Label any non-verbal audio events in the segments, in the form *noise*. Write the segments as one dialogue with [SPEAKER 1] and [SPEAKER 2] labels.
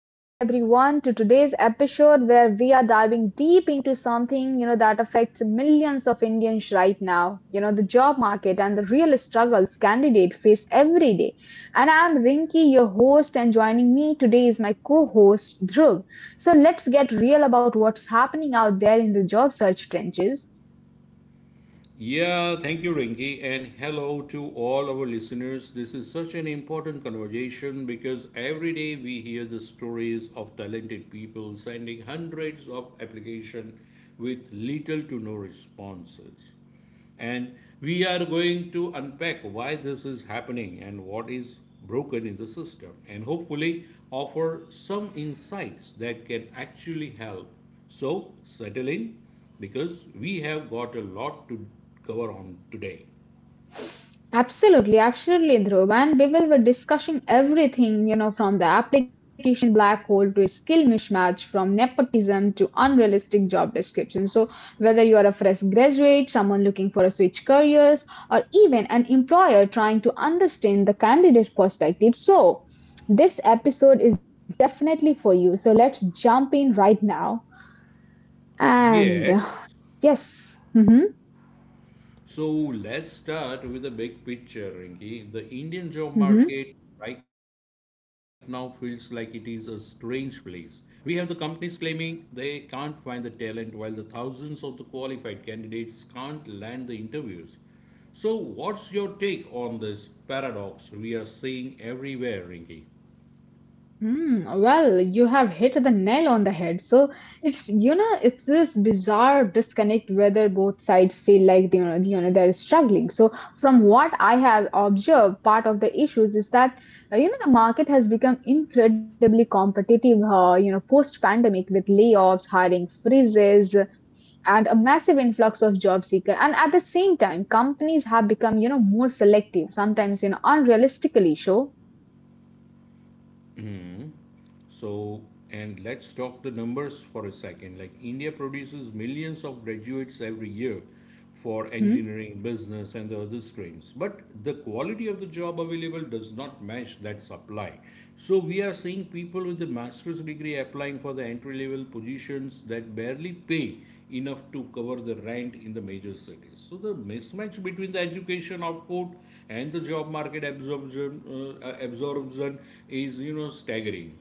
[SPEAKER 1] back everyone to today's episode where we are diving deep into something that affects millions of Indians right now, you know, the job market and the real struggles candidates face every day. And I'm Rinki, your host, and joining me today is my co-host Dhruv. So let's get real about what's happening out there in the job search trenches.
[SPEAKER 2] Yeah, thank you, Rinki, and hello to all our listeners. This is such an important conversation because every day we hear the stories of talented people sending hundreds of applications with little to no responses. And we are going to unpack why this is happening and what is broken in the system, and hopefully offer some insights that can actually help. So, settle in because we have got a lot to cover on today.
[SPEAKER 1] Absolutely, absolutely, Dhruv. And Bivel were discussing everything, you know, from the application black hole to skill mismatch, from nepotism to unrealistic job descriptions. So whether you are a fresh graduate, someone looking for a switch careers, or even an employer trying to understand the candidate's perspective. So this episode is definitely for you. So let's jump in right now. And
[SPEAKER 2] Yes.
[SPEAKER 1] yes. Mm-hmm,
[SPEAKER 2] So let's start with the big picture, Rinki. The Indian job
[SPEAKER 1] mm-hmm.
[SPEAKER 2] market right now feels like it is a strange place. We have the companies claiming they can't find the talent, while the thousands of the qualified candidates can't land the interviews. So, what's your take on this paradox we are seeing everywhere, Rinki?
[SPEAKER 1] Hmm, well, you have hit the nail on the head. So it's, you know, it's this bizarre disconnect whether both sides feel like they they're struggling. So from what I have observed, part of the issues is that you know, the market has become incredibly competitive. You know, post pandemic with layoffs, hiring freezes, and a massive influx of job seeker, and at the same time companies have become, you know, more selective, sometimes, you know, unrealistically so.
[SPEAKER 2] So, and let's talk the numbers for a second. Like, India produces millions of graduates every year for engineering, business, and the other streams. But the quality of the job available does not match that supply. So, we are seeing people with the master's degree applying for the entry level positions that barely pay enough to cover the rent in the major cities. So, the mismatch between the education output and the job market absorption is staggering.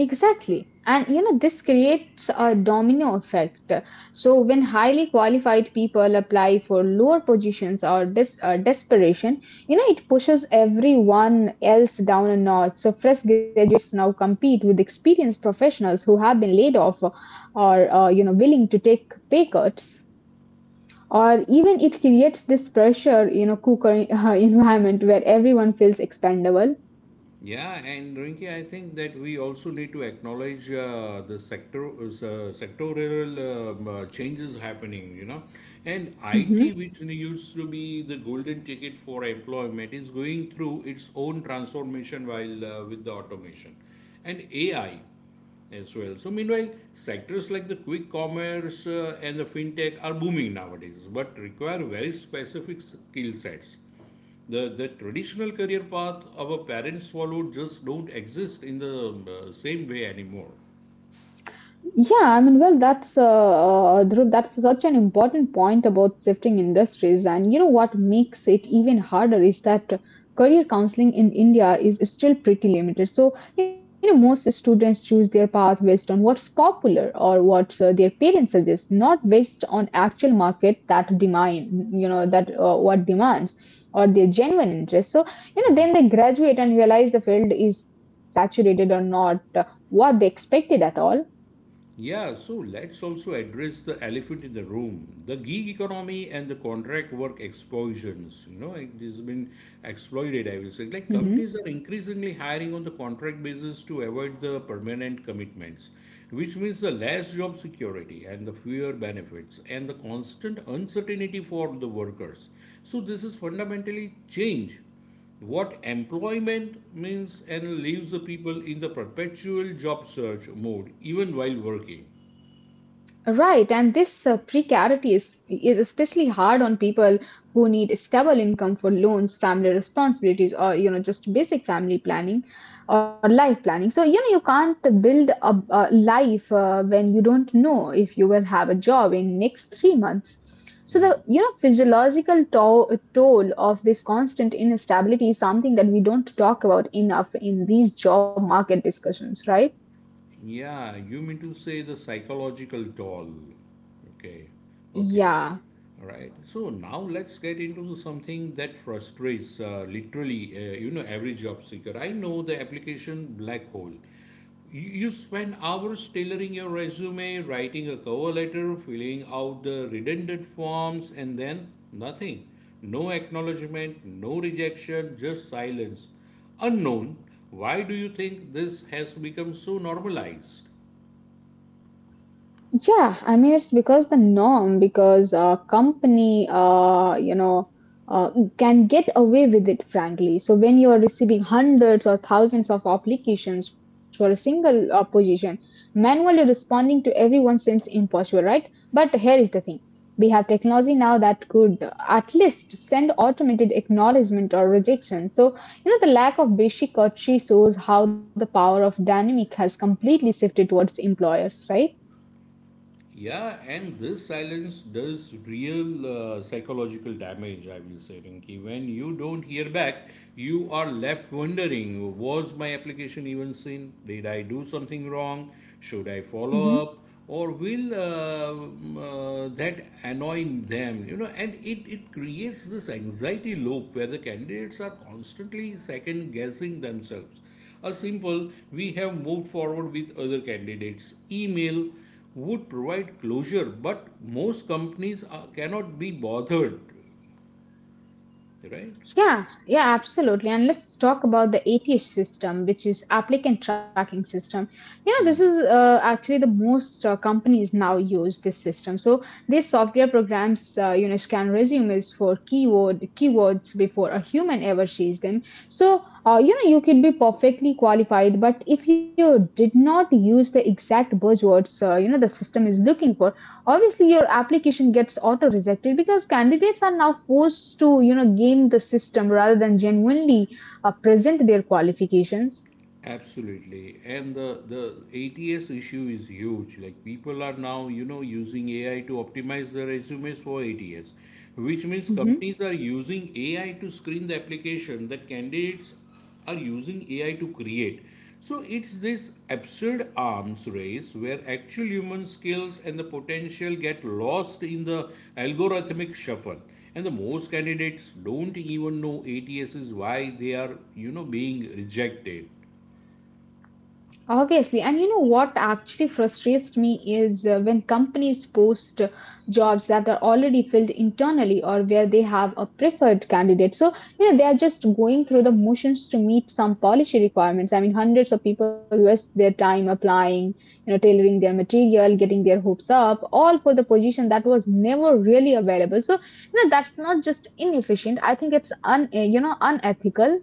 [SPEAKER 1] Exactly. And you know, this creates a domino effect. So when highly qualified people apply for lower positions or desperation, you know, it pushes everyone else down a notch. So fresh graduates now compete with experienced professionals who have been laid off or, you know, willing to take pay cuts. Or even it creates this pressure, you know, cooker *laughs* environment where everyone feels expendable.
[SPEAKER 2] Yeah, and Rinki, I think that we also need to acknowledge the sectoral changes happening. And IT,
[SPEAKER 1] Mm-hmm.
[SPEAKER 2] which used to be the golden ticket for employment, is going through its own transformation while with the automation and AI as well. So, meanwhile, sectors like the quick commerce and the fintech are booming nowadays, but require very specific skill sets. The traditional career path our parents followed just don't exist in the same way anymore.
[SPEAKER 1] Yeah, I mean, well, that's Dhruv, that's such an important point about shifting industries. And you know what makes it even harder is that career counseling in India is still pretty limited. So, you know, most students choose their path based on what's popular or what their parents suggest, not based on actual market that demand, you know, that what demands or their genuine interest. So, you know, then they graduate and realize the field is saturated or not what they expected at all.
[SPEAKER 2] Yeah, so let's also address the elephant in the room, the gig economy and the contract work explosions. It has been exploited, I will say. Like
[SPEAKER 1] Mhm.
[SPEAKER 2] companies are increasingly hiring on the contract basis to avoid the permanent commitments, which means the less job security and the fewer benefits and the constant uncertainty for the workers. So this is fundamentally change what employment means and leaves the people in the perpetual job search mode even while working.
[SPEAKER 1] Right, and this precarity is especially hard on people who need stable income for loans, family responsibilities, or, you know, just basic family planning or life planning. So you know you can't build a life when you don't know if you will have a job in next 3 months. So the, you know, physiological toll of this constant instability is something that we don't talk about enough in these job market discussions, right?
[SPEAKER 2] Yeah, you mean to say the psychological toll? Okay. Okay.
[SPEAKER 1] Yeah.
[SPEAKER 2] All right, so now let's get into something that frustrates literally every job seeker I know, the application black hole. You spend hours tailoring your resume, writing a cover letter, filling out the redundant forms, and then nothing. No acknowledgement, no rejection, just silence. Unknown, why do you think this has become so normalized?
[SPEAKER 1] Yeah, I mean, it's because the norm, because company, uh, can get away with it, frankly. So when you are receiving hundreds or thousands of applications for a single position, manually responding to everyone seems impossible, right? But here is the thing. We have technology now that could at least send automated acknowledgement or rejection. So, you know, the lack of basic courtesy shows how the power of dynamic has completely shifted towards employers, right?
[SPEAKER 2] Yeah, and this silence does real psychological damage, I will say, Rinki. When you don't hear back, you are left wondering, was my application even seen? Did I do something wrong? Should I
[SPEAKER 1] Mhm.
[SPEAKER 2] follow up? Or will that annoy them? And it creates this anxiety loop where the candidates are constantly second guessing themselves. A simple, we have moved forward with other candidates, email would provide closure, but most companies cannot be bothered, right?
[SPEAKER 1] Yeah, yeah, absolutely. And let's talk about the ATS system, which is applicant tracking system. You know, this is actually the most companies now use this system. So these software programs, you know, scan resumes for keywords before a human ever sees them. So you know, you could be perfectly qualified, but if you did not use the exact buzzwords, you know, the system is looking for, obviously your application gets auto rejected, because candidates are now forced to, you know, game the system rather than genuinely present their qualifications.
[SPEAKER 2] Absolutely. And the ATS issue is huge. Like people are now using AI to optimize their resumes for ATS, which means
[SPEAKER 1] Mm-hmm.
[SPEAKER 2] companies are using AI to screen the application that candidates are using AI to create. So it's this absurd arms race where actual human skills and the potential get lost in the algorithmic shuffle. And the most candidates don't even know ATS is why they are being rejected.
[SPEAKER 1] Obviously, and you know what actually frustrates me is when companies post jobs that are already filled internally or where they have a preferred candidate. So, you know, they are just going through the motions to meet some policy requirements. I mean, hundreds of people waste their time applying, you know, tailoring their material, getting their hopes up, all for the position that was never really available. So, you know, that's not just inefficient. I think it's you know, unethical.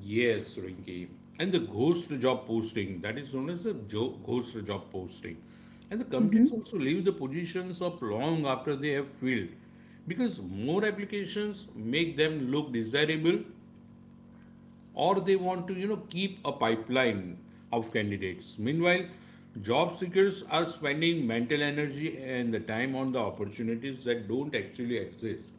[SPEAKER 2] Yes, Rinki. And the ghost job posting, that is known as a ghost job posting. And the companies
[SPEAKER 1] Mm-hmm.
[SPEAKER 2] also leave the positions up long after they have filled because more applications make them look desirable or they want to keep a pipeline of candidates. Meanwhile, job seekers are spending mental energy and the time on the opportunities that don't actually exist.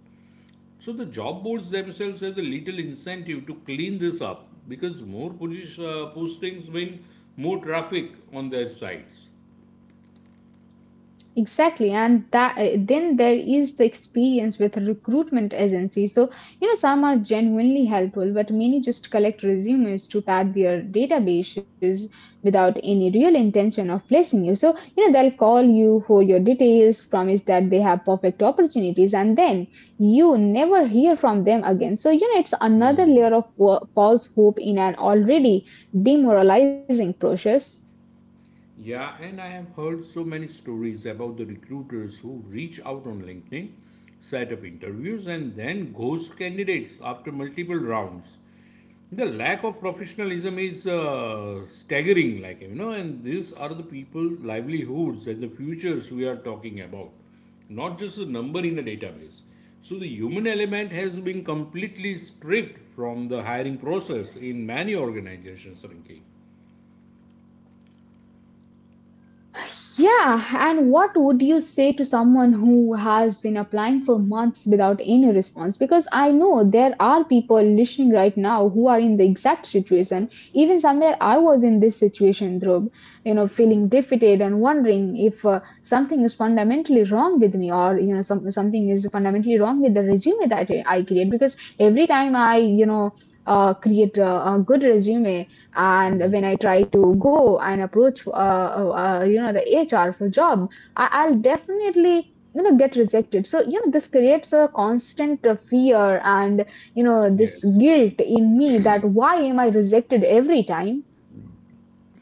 [SPEAKER 2] So the job boards themselves have the little incentive to clean this up because more postings mean more traffic on their sites.
[SPEAKER 1] Exactly, and that then there is the experience with recruitment agencies. So you know some are genuinely helpful, but many just collect resumes to pad their databases without any real intention of placing you. So you know they'll call you for your details, promise that they have perfect opportunities, and then you never hear from them again. So you know it's another layer of false hope in an already demoralizing process.
[SPEAKER 2] Yeah, and I have heard so many stories about the recruiters who reach out on LinkedIn, set up interviews, and then ghost candidates after multiple rounds. The lack of professionalism is staggering, like, and these are the people livelihoods and the futures we are talking about, not just a number in a database. So the human element has been completely stripped from the hiring process in many organizations, Rinki.
[SPEAKER 1] Yeah, and what would you say to someone who has been applying for months without any response? Because I know there are people listening right now who are in the exact situation. Even somewhere I was in this situation, Dhruv, you know, feeling defeated and wondering if something is fundamentally wrong with me or, you know, some, something is fundamentally wrong with the resume that I create. Because every time I, you know, create a good resume, and when I try to go and approach, you know, the HR for job, I'll definitely, you know, get rejected. So you know this creates a constant fear and, you know, this
[SPEAKER 2] Yes.
[SPEAKER 1] guilt in me that why am I rejected every time.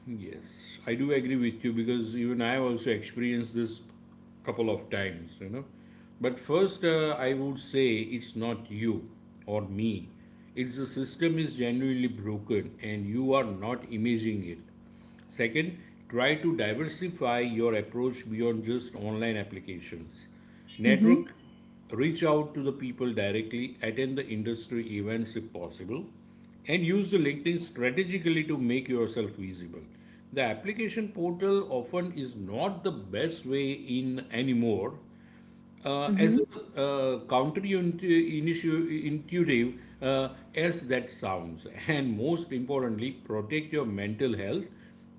[SPEAKER 2] Yes, I do agree with you because even I also experienced this couple of times. But first, I would say it's not you or me. It's the system is genuinely broken and you are not imaging it. Second, try to diversify your approach beyond just online applications. Network,
[SPEAKER 1] Hmm.
[SPEAKER 2] reach out to the people directly, attend the industry events if possible, and use the LinkedIn strategically to make yourself visible. The application portal often is not the best way in anymore, as a
[SPEAKER 1] Hmm.
[SPEAKER 2] uh, counterintuitive uh, as that sounds, *laughs* and most importantly, protect your mental health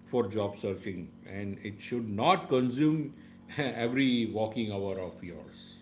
[SPEAKER 2] for job searching, and it should not consume *laughs* every walking hour of yours.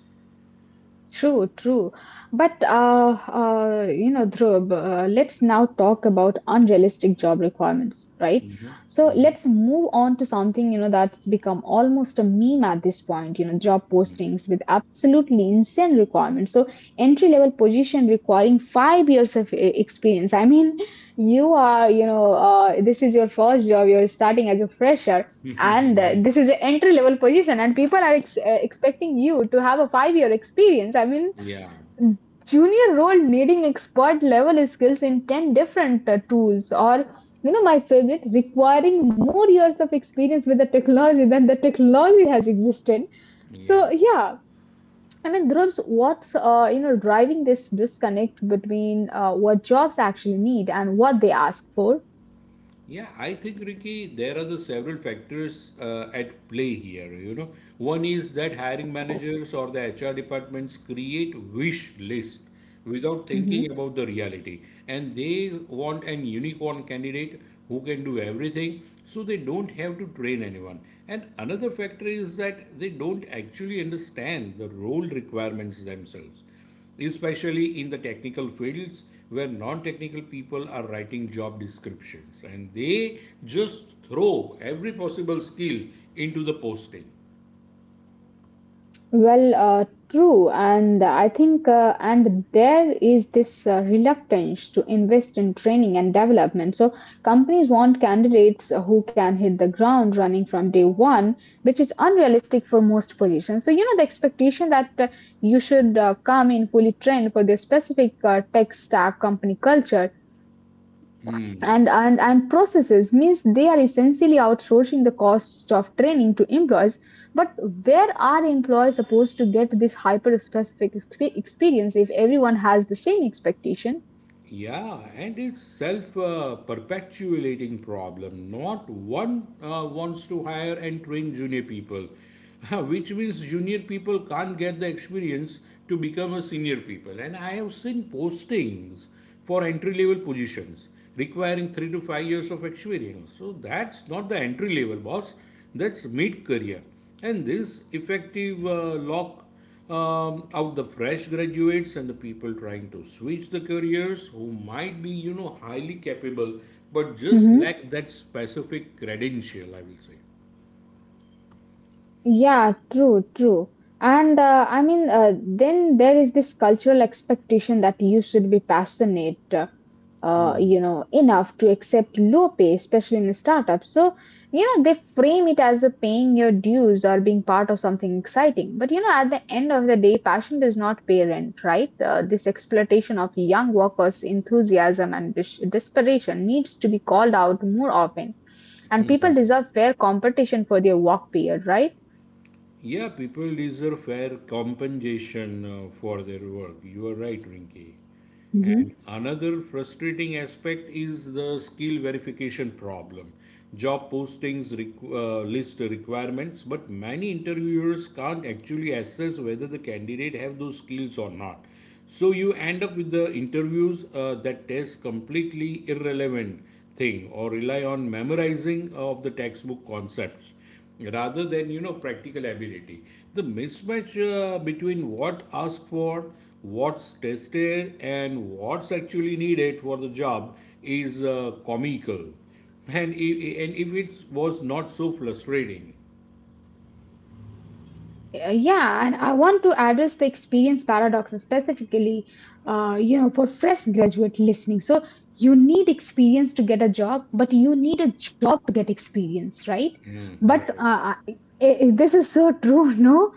[SPEAKER 1] True, true. But you know, Dhruv, let's now talk about unrealistic job requirements, right? So let's move on to something, you know, that's become almost a meme at this point. You know, job postings with absolutely insane requirements. So entry level position requiring 5 years of experience. I mean, you are, you know, this is your first job. You're starting as a fresher, and this is an entry level position and people are expecting you to have a 5 year experience. I mean,
[SPEAKER 2] Yeah,
[SPEAKER 1] junior role needing expert level skills in 10 different tools, or, you know, my favorite, requiring more years of experience with the technology than the technology has existed.
[SPEAKER 2] yeah.
[SPEAKER 1] So yeah, I mean, Dhruv's, what's you know driving this disconnect between what jobs actually need and what they ask for?
[SPEAKER 2] Yeah, I think Ricky, there are the several factors at play here. One is that hiring managers or the HR departments create wish list without thinking about the reality, and they want an unicorn candidate who can do everything, so they don't have to train anyone. And another factor is that they don't actually understand the role requirements themselves, especially in the technical fields where non-technical people are writing job descriptions and they just throw every possible skill into the posting.
[SPEAKER 1] Well, true, and I think, and there is this reluctance to invest in training and development. So companies want candidates who can hit the ground running from day one, which is unrealistic for most positions. So you know the expectation that you should come in fully trained for their specific tech stack, company culture,
[SPEAKER 2] Hmm.
[SPEAKER 1] and processes, means they are essentially outsourcing the cost of training to employees, but where are employees supposed to get this hyper specific experience if everyone has the same expectation?
[SPEAKER 2] Yeah, and it's self perpetuating problem. Not one wants to hire and train junior people, *laughs* which means junior people can't get the experience to become a senior people. And I have seen postings for entry level positions requiring 3 to 5 years of experience. So that's not the entry level, boss. That's mid career. And this effective lock out the fresh graduates and the people trying to switch the careers who might be highly capable but just
[SPEAKER 1] Mhm.
[SPEAKER 2] lack that specific credential, I will say.
[SPEAKER 1] Yeah, true, true. And I mean, then there is this cultural expectation that you should be passionate, you know, enough to accept low pay, especially in a startup. So, you know, they frame it as a paying your dues or being part of something exciting. But, you know, at the end of the day, passion does not pay rent, right? This exploitation of young workers' enthusiasm and dis desperation needs to be called out more often. And people deserve fair competition for their work, period, right?
[SPEAKER 2] Yeah, people deserve fair compensation for their work. You are right, Rinki. And
[SPEAKER 1] Hmm.
[SPEAKER 2] another frustrating aspect is the skill verification problem. Job postings list requirements, but many interviewers can't actually assess whether the candidate have those skills or not. So you end up with the interviews that test completely irrelevant thing or rely on memorizing of the textbook concepts rather than practical ability. The mismatch between what asked for, what's tested and what's actually needed for the job is comical, and if, and if it was not so frustrating.
[SPEAKER 1] Yeah, and I want to address the experience paradox specifically, you know, for fresh graduate listening. So you need experience to get a job, but you need a job to get experience, right?
[SPEAKER 2] Hmm,
[SPEAKER 1] But
[SPEAKER 2] right.
[SPEAKER 1] this is so true, *laughs* no?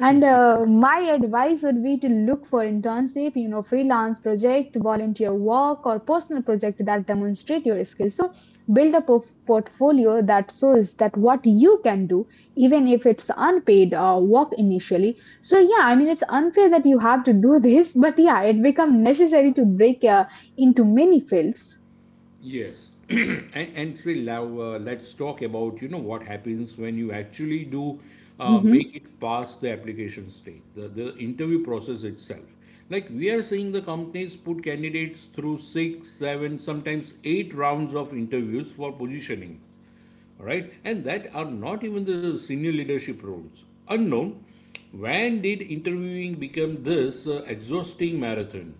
[SPEAKER 1] And my advice would be to look for internship, you know, freelance project, volunteer work, or personal project that demonstrate your skills. So build up a portfolio that shows that what you can do, even if it's unpaid work initially. So yeah, I mean, it's unfair that you have to do *laughs* this, but yeah, it become necessary to break into many fields.
[SPEAKER 2] Yes, *clears throat* and say Lav, let's talk about what happens when you actually do
[SPEAKER 1] Mm-hmm.
[SPEAKER 2] make it past the application stage, the interview process itself. Like we are seeing the companies put candidates through six, seven, sometimes eight rounds of interviews for positioning, all right? And that are not even the senior leadership roles. Unknown, when did interviewing become this exhausting marathon?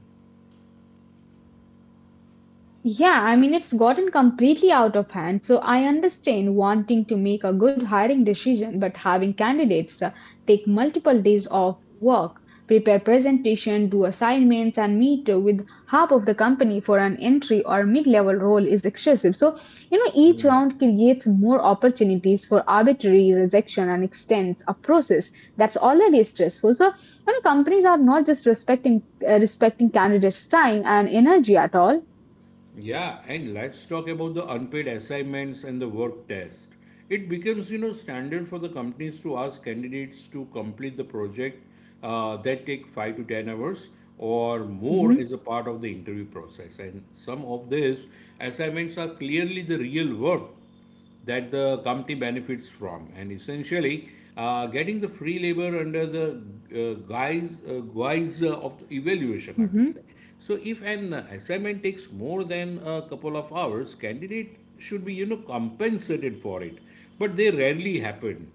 [SPEAKER 1] Yeah, I mean, it's gotten completely out of hand. So I understand wanting to make a good hiring decision, but having candidates take multiple days of work, prepare presentation, do assignments, and meet with half of the company for an entry or mid-level role is excessive. So, you know, each
[SPEAKER 2] Hmm.
[SPEAKER 1] round creates more opportunities for arbitrary rejection and extends a process that's already stressful. So, you know, companies are not just respecting candidates' time and energy at all.
[SPEAKER 2] Yeah, and let's talk about the unpaid assignments and the work test. It becomes standard for the companies to ask candidates to complete the project that take 5 to 10 hours or more
[SPEAKER 1] Mm-hmm.
[SPEAKER 2] as a part of the interview process. And some of these assignments are clearly the real work that the company benefits from. And essentially, getting the free labor under the guise of the evaluation, I would
[SPEAKER 1] Hmm.
[SPEAKER 2] say. So, if an assignment takes more than a couple of hours, candidate should be compensated for it, but they rarely happen.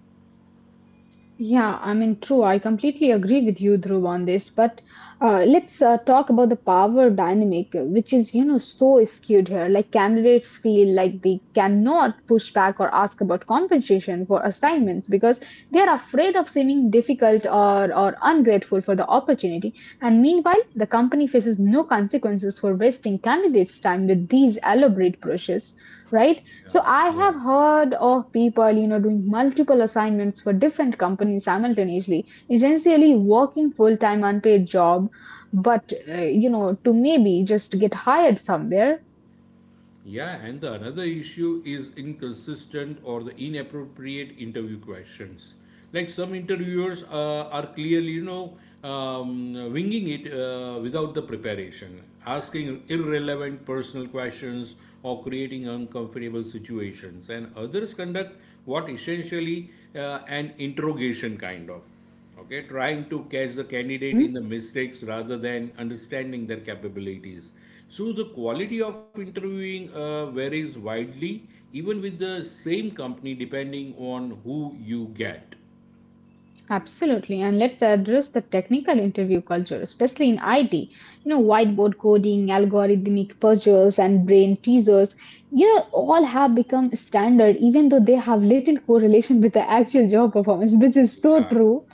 [SPEAKER 1] Yeah, I mean, true. I completely agree with you, Dhruv, on this. But let's talk about the power dynamic, which is, you know, so skewed here. Like candidates feel like they cannot push back or ask about compensation for assignments because they are afraid of seeming difficult, or ungrateful for the opportunity. And meanwhile, the company faces no consequences for wasting candidates' time with these elaborate brushes, right?
[SPEAKER 2] Yeah.
[SPEAKER 1] So I
[SPEAKER 2] Yeah.
[SPEAKER 1] have heard of people, doing multiple assignments for different companies simultaneously, essentially working full-time unpaid job, but to maybe just get hired somewhere.
[SPEAKER 2] Yeah, and the another issue is inconsistent or the inappropriate interview questions. Like some interviewers are clearly winging it without the preparation, asking irrelevant personal questions or creating uncomfortable situations. And others conduct what essentially an interrogation kind of. Okay, trying to catch the candidate in the mistakes rather than understanding their capabilities. So the quality of interviewing varies widely, even with the same company, depending on who you get.
[SPEAKER 1] Absolutely, and let's address the technical interview culture, especially in IT. Whiteboard coding, algorithmic puzzles, and brain teasers, all have become standard, even though they have little correlation with the actual job performance, which is so
[SPEAKER 2] Yeah.
[SPEAKER 1] true.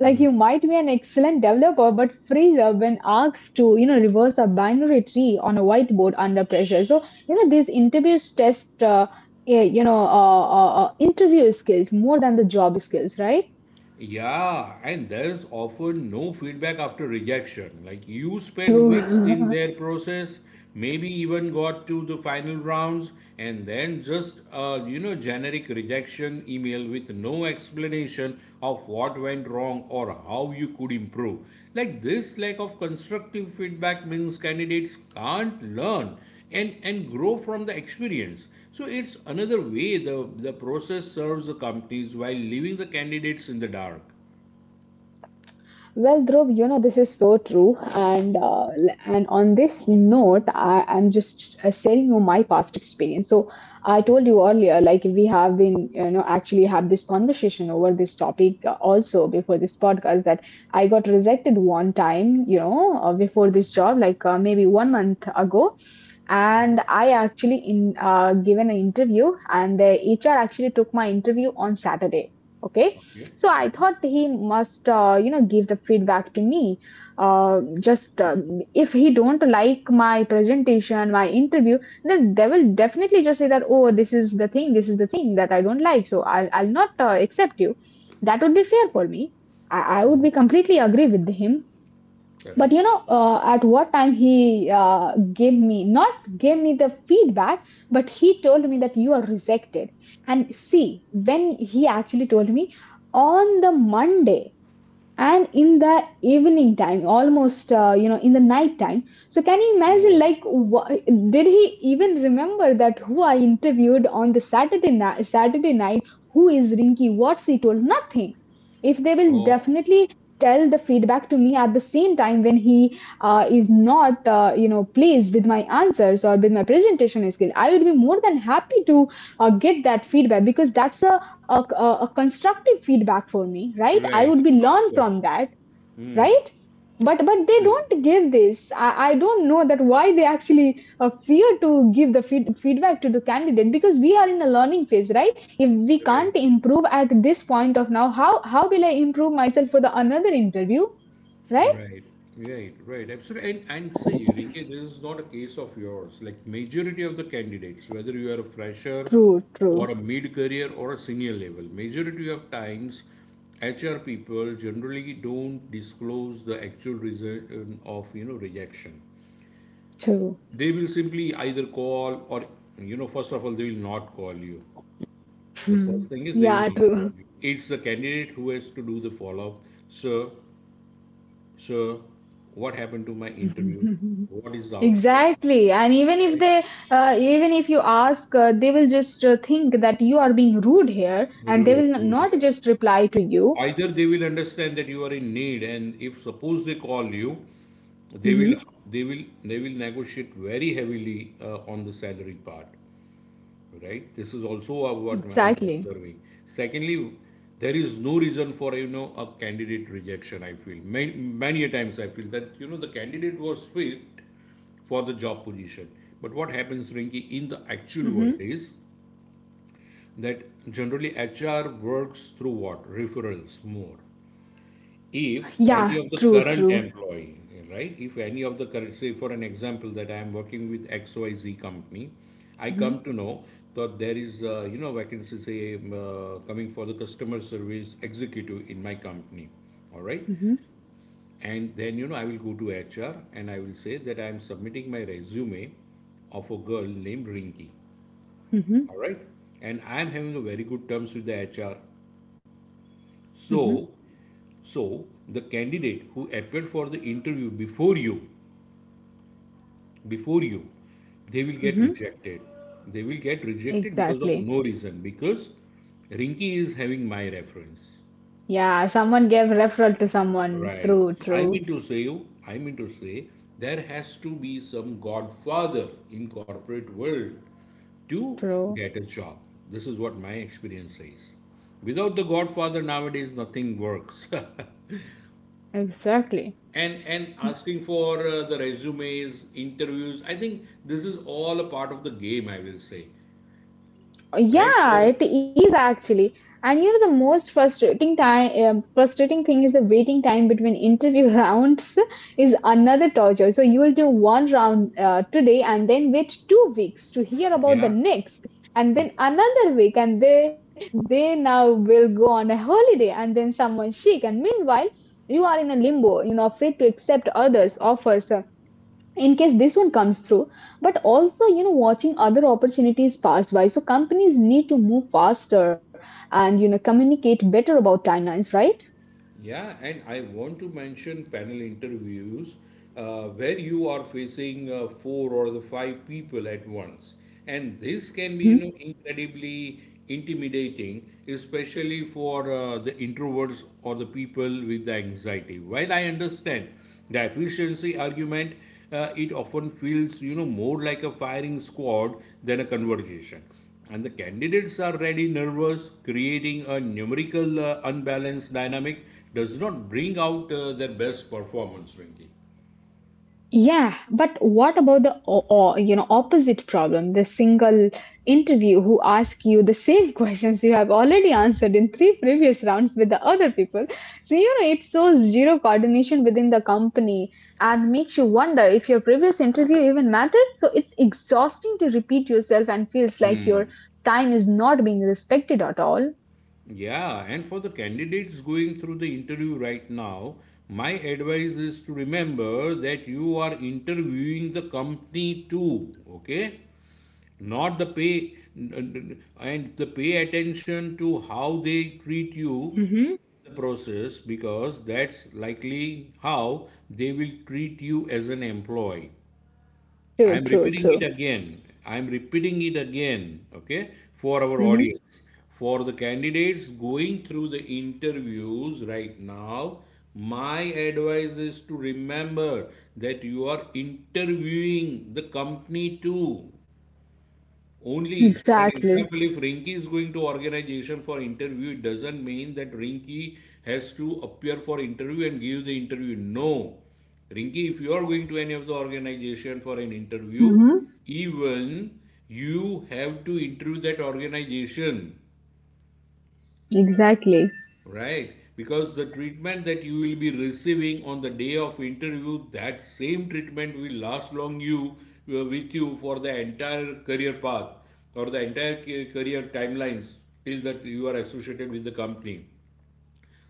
[SPEAKER 1] Like, you might be an excellent developer, but freeze up when asked to, reverse a binary tree on a whiteboard under pressure. So, these interviews test, interview skills more than the job skills, right?
[SPEAKER 2] Yeah, and there's often no feedback after rejection. Like you spend weeks in
[SPEAKER 1] True.
[SPEAKER 2] their process, maybe even got to the final rounds, and then just generic rejection email with no explanation of what went wrong or how you could improve. Like this lack of constructive feedback means candidates can't learn and grow from the experience. So it's another way the process serves the companies while leaving the candidates in the dark.
[SPEAKER 1] *laughs* Well, Dhruv, this is so true, and and on this note, I am just sharing you my past experience. So I told you earlier, like we have been, actually have this conversation over this topic also before this podcast, that I got rejected one time, before this job, like maybe 1 month ago, and I actually in given an interview, and the HR actually took my interview on Saturday. Okay, so I thought he must give the feedback to me, uh, just if he don't like my presentation, my interview, then they will definitely just say that, oh, this is the thing, this is the thing that I don't like, so I'll not accept you. That would be fair for me. I would be completely agree with him. But
[SPEAKER 2] Correct?
[SPEAKER 1] at what time he gave me not gave me the feedback, but he told me that you are rejected. And see, when he actually told me, on the Monday, and in the evening time, almost in the night time. So can you
[SPEAKER 2] No.
[SPEAKER 1] imagine, like did he even remember that who I interviewed on the Saturday night? Saturday night, who is Rinky, what's he told? Nothing. If they will
[SPEAKER 2] Oh,
[SPEAKER 1] definitely tell the feedback to me at the same time when he is not pleased with my answers or with my presentation skill, I would be more than happy to get that feedback, because that's a constructive feedback for me, right? I would be
[SPEAKER 2] right.
[SPEAKER 1] learned
[SPEAKER 2] Of
[SPEAKER 1] from
[SPEAKER 2] course.
[SPEAKER 1] that. Right. But they
[SPEAKER 2] Absolutely.
[SPEAKER 1] don't give this. I don't know that why they actually fear to give the feedback to the candidate, because we are in a learning phase, right? If we
[SPEAKER 2] Right.
[SPEAKER 1] can't improve at this point of now, how will I improve myself for the another interview? Right.
[SPEAKER 2] Right, right, right. Absolutely. And see, Rinke, this is not a case of yours. Like majority of the candidates, whether you are a fresher
[SPEAKER 1] True, true,
[SPEAKER 2] or a mid-career or a senior level, majority of times HR people generally don't disclose the actual reason of, rejection.
[SPEAKER 1] true.
[SPEAKER 2] They will simply either call or, first of all, they will not call you. The first
[SPEAKER 1] Hmm.
[SPEAKER 2] thing is they
[SPEAKER 1] Yeah,
[SPEAKER 2] will not call
[SPEAKER 1] true.
[SPEAKER 2] you. It's the candidate who has to do the follow-up. Sir, so, what happened to my interview?
[SPEAKER 1] *laughs*
[SPEAKER 2] What is the outcome?
[SPEAKER 1] Exactly. And even if
[SPEAKER 2] Right?
[SPEAKER 1] they, even if you ask, they will just think that you are being rude here and they
[SPEAKER 2] Rude,
[SPEAKER 1] will
[SPEAKER 2] rude,
[SPEAKER 1] not
[SPEAKER 2] yeah.
[SPEAKER 1] just reply to you.
[SPEAKER 2] Either they will understand that you are in need, and if suppose they call you, they will,
[SPEAKER 1] Hmm.
[SPEAKER 2] they will negotiate very heavily on the salary part. Right? This is also what I'm
[SPEAKER 1] Exactly.
[SPEAKER 2] observing. Secondly, there is no reason for you know a candidate rejection. I feel many, many a times I feel that you know the candidate was fit for the job position. But what happens, Rinki, in the actual world
[SPEAKER 1] Hmm.
[SPEAKER 2] is that generally HR works through what? Referrals more. If any
[SPEAKER 1] Yeah,
[SPEAKER 2] of the
[SPEAKER 1] true,
[SPEAKER 2] current
[SPEAKER 1] true.
[SPEAKER 2] employee, right? If any of the current, say for an example, that I am working with XYZ company, I
[SPEAKER 1] Hmm.
[SPEAKER 2] come to know that there is, you know, vacancy, say, coming for the customer service executive in my company, all right?
[SPEAKER 1] Hmm.
[SPEAKER 2] And then, you know, I will go to HR and I will say that I am submitting my resume of a girl named Rinki,
[SPEAKER 1] Hmm.
[SPEAKER 2] all right? And I am having a very good terms with the HR. So,
[SPEAKER 1] Hmm.
[SPEAKER 2] so the candidate who appeared for the interview before you, they will get
[SPEAKER 1] Hmm.
[SPEAKER 2] rejected. They will get rejected because of
[SPEAKER 1] Exactly.
[SPEAKER 2] no reason because Rinki is having my reference.
[SPEAKER 1] Yeah, someone gave referral to someone.
[SPEAKER 2] Right.
[SPEAKER 1] True,
[SPEAKER 2] So I
[SPEAKER 1] true,
[SPEAKER 2] mean to say you, I mean to say there has to be some godfather in corporate world to
[SPEAKER 1] true.
[SPEAKER 2] get a job. This is what my experience says. Without the godfather nowadays nothing works. *laughs*
[SPEAKER 1] Exactly.
[SPEAKER 2] And asking for the resumes, interviews. I think this is all a part of the game, I will say. Right?
[SPEAKER 1] Yeah,
[SPEAKER 2] For
[SPEAKER 1] it is actually. And you know, the most frustrating time, frustrating thing is the waiting time between interview *laughs* rounds, is another torture. So you will do one round today and then wait 2 weeks to hear about the
[SPEAKER 2] yeah.
[SPEAKER 1] next, and then another week, and they now will go on a holiday, and then someone sick, and meanwhile you are in a limbo. You know, afraid to accept others' offers, in case this one comes through, but also you know watching other opportunities pass by. So companies need to move faster and you know communicate better about timelines, right?
[SPEAKER 2] Yeah, and I want to mention panel interviews where you are facing four or the five people at once. And this can be,
[SPEAKER 1] Hmm?
[SPEAKER 2] you know, incredibly intimidating, especially for the introverts or the people with the anxiety. While I understand the efficiency argument, it often feels, you know, more like a firing squad than a conversation. And the candidates are ready, nervous, creating a numerical unbalanced dynamic does not bring out their best performance, Rinky.
[SPEAKER 1] Yeah, but what about the you know opposite problem? The single interview who ask you the same *laughs* questions you have already answered in 3 previous rounds with the other people. So you know it shows zero coordination within the company and makes you wonder if your previous interview even mattered. So it's exhausting to repeat yourself and feels like your time is not being respected at all.
[SPEAKER 2] Yeah, and for the candidates going through the interview right now, my advice is to remember that you are interviewing the company too, okay? Not the pay, and the pay attention to how they treat you
[SPEAKER 1] Hmm.
[SPEAKER 2] in the process because that's likely how they will treat you as an employee. I
[SPEAKER 1] True,
[SPEAKER 2] am
[SPEAKER 1] true,
[SPEAKER 2] repeating it
[SPEAKER 1] true.
[SPEAKER 2] again. I am repeating it again, okay, for our
[SPEAKER 1] Hmm.
[SPEAKER 2] audience. For the candidates going through the interviews right now, my advice is to remember that you are interviewing the company too. Only, for an
[SPEAKER 1] Exactly.
[SPEAKER 2] example, if Rinki is going to organization for interview, it doesn't mean that Rinki has to appear for interview and give the interview. No. Rinki, if you are going to any of the organization for an interview,
[SPEAKER 1] Hmm.
[SPEAKER 2] even you have to interview that organization.
[SPEAKER 1] Exactly.
[SPEAKER 2] Right, because the treatment that you will be receiving on the day of interview, that same treatment will last long you with you for the entire career path or the entire career timelines till that you are associated with the company.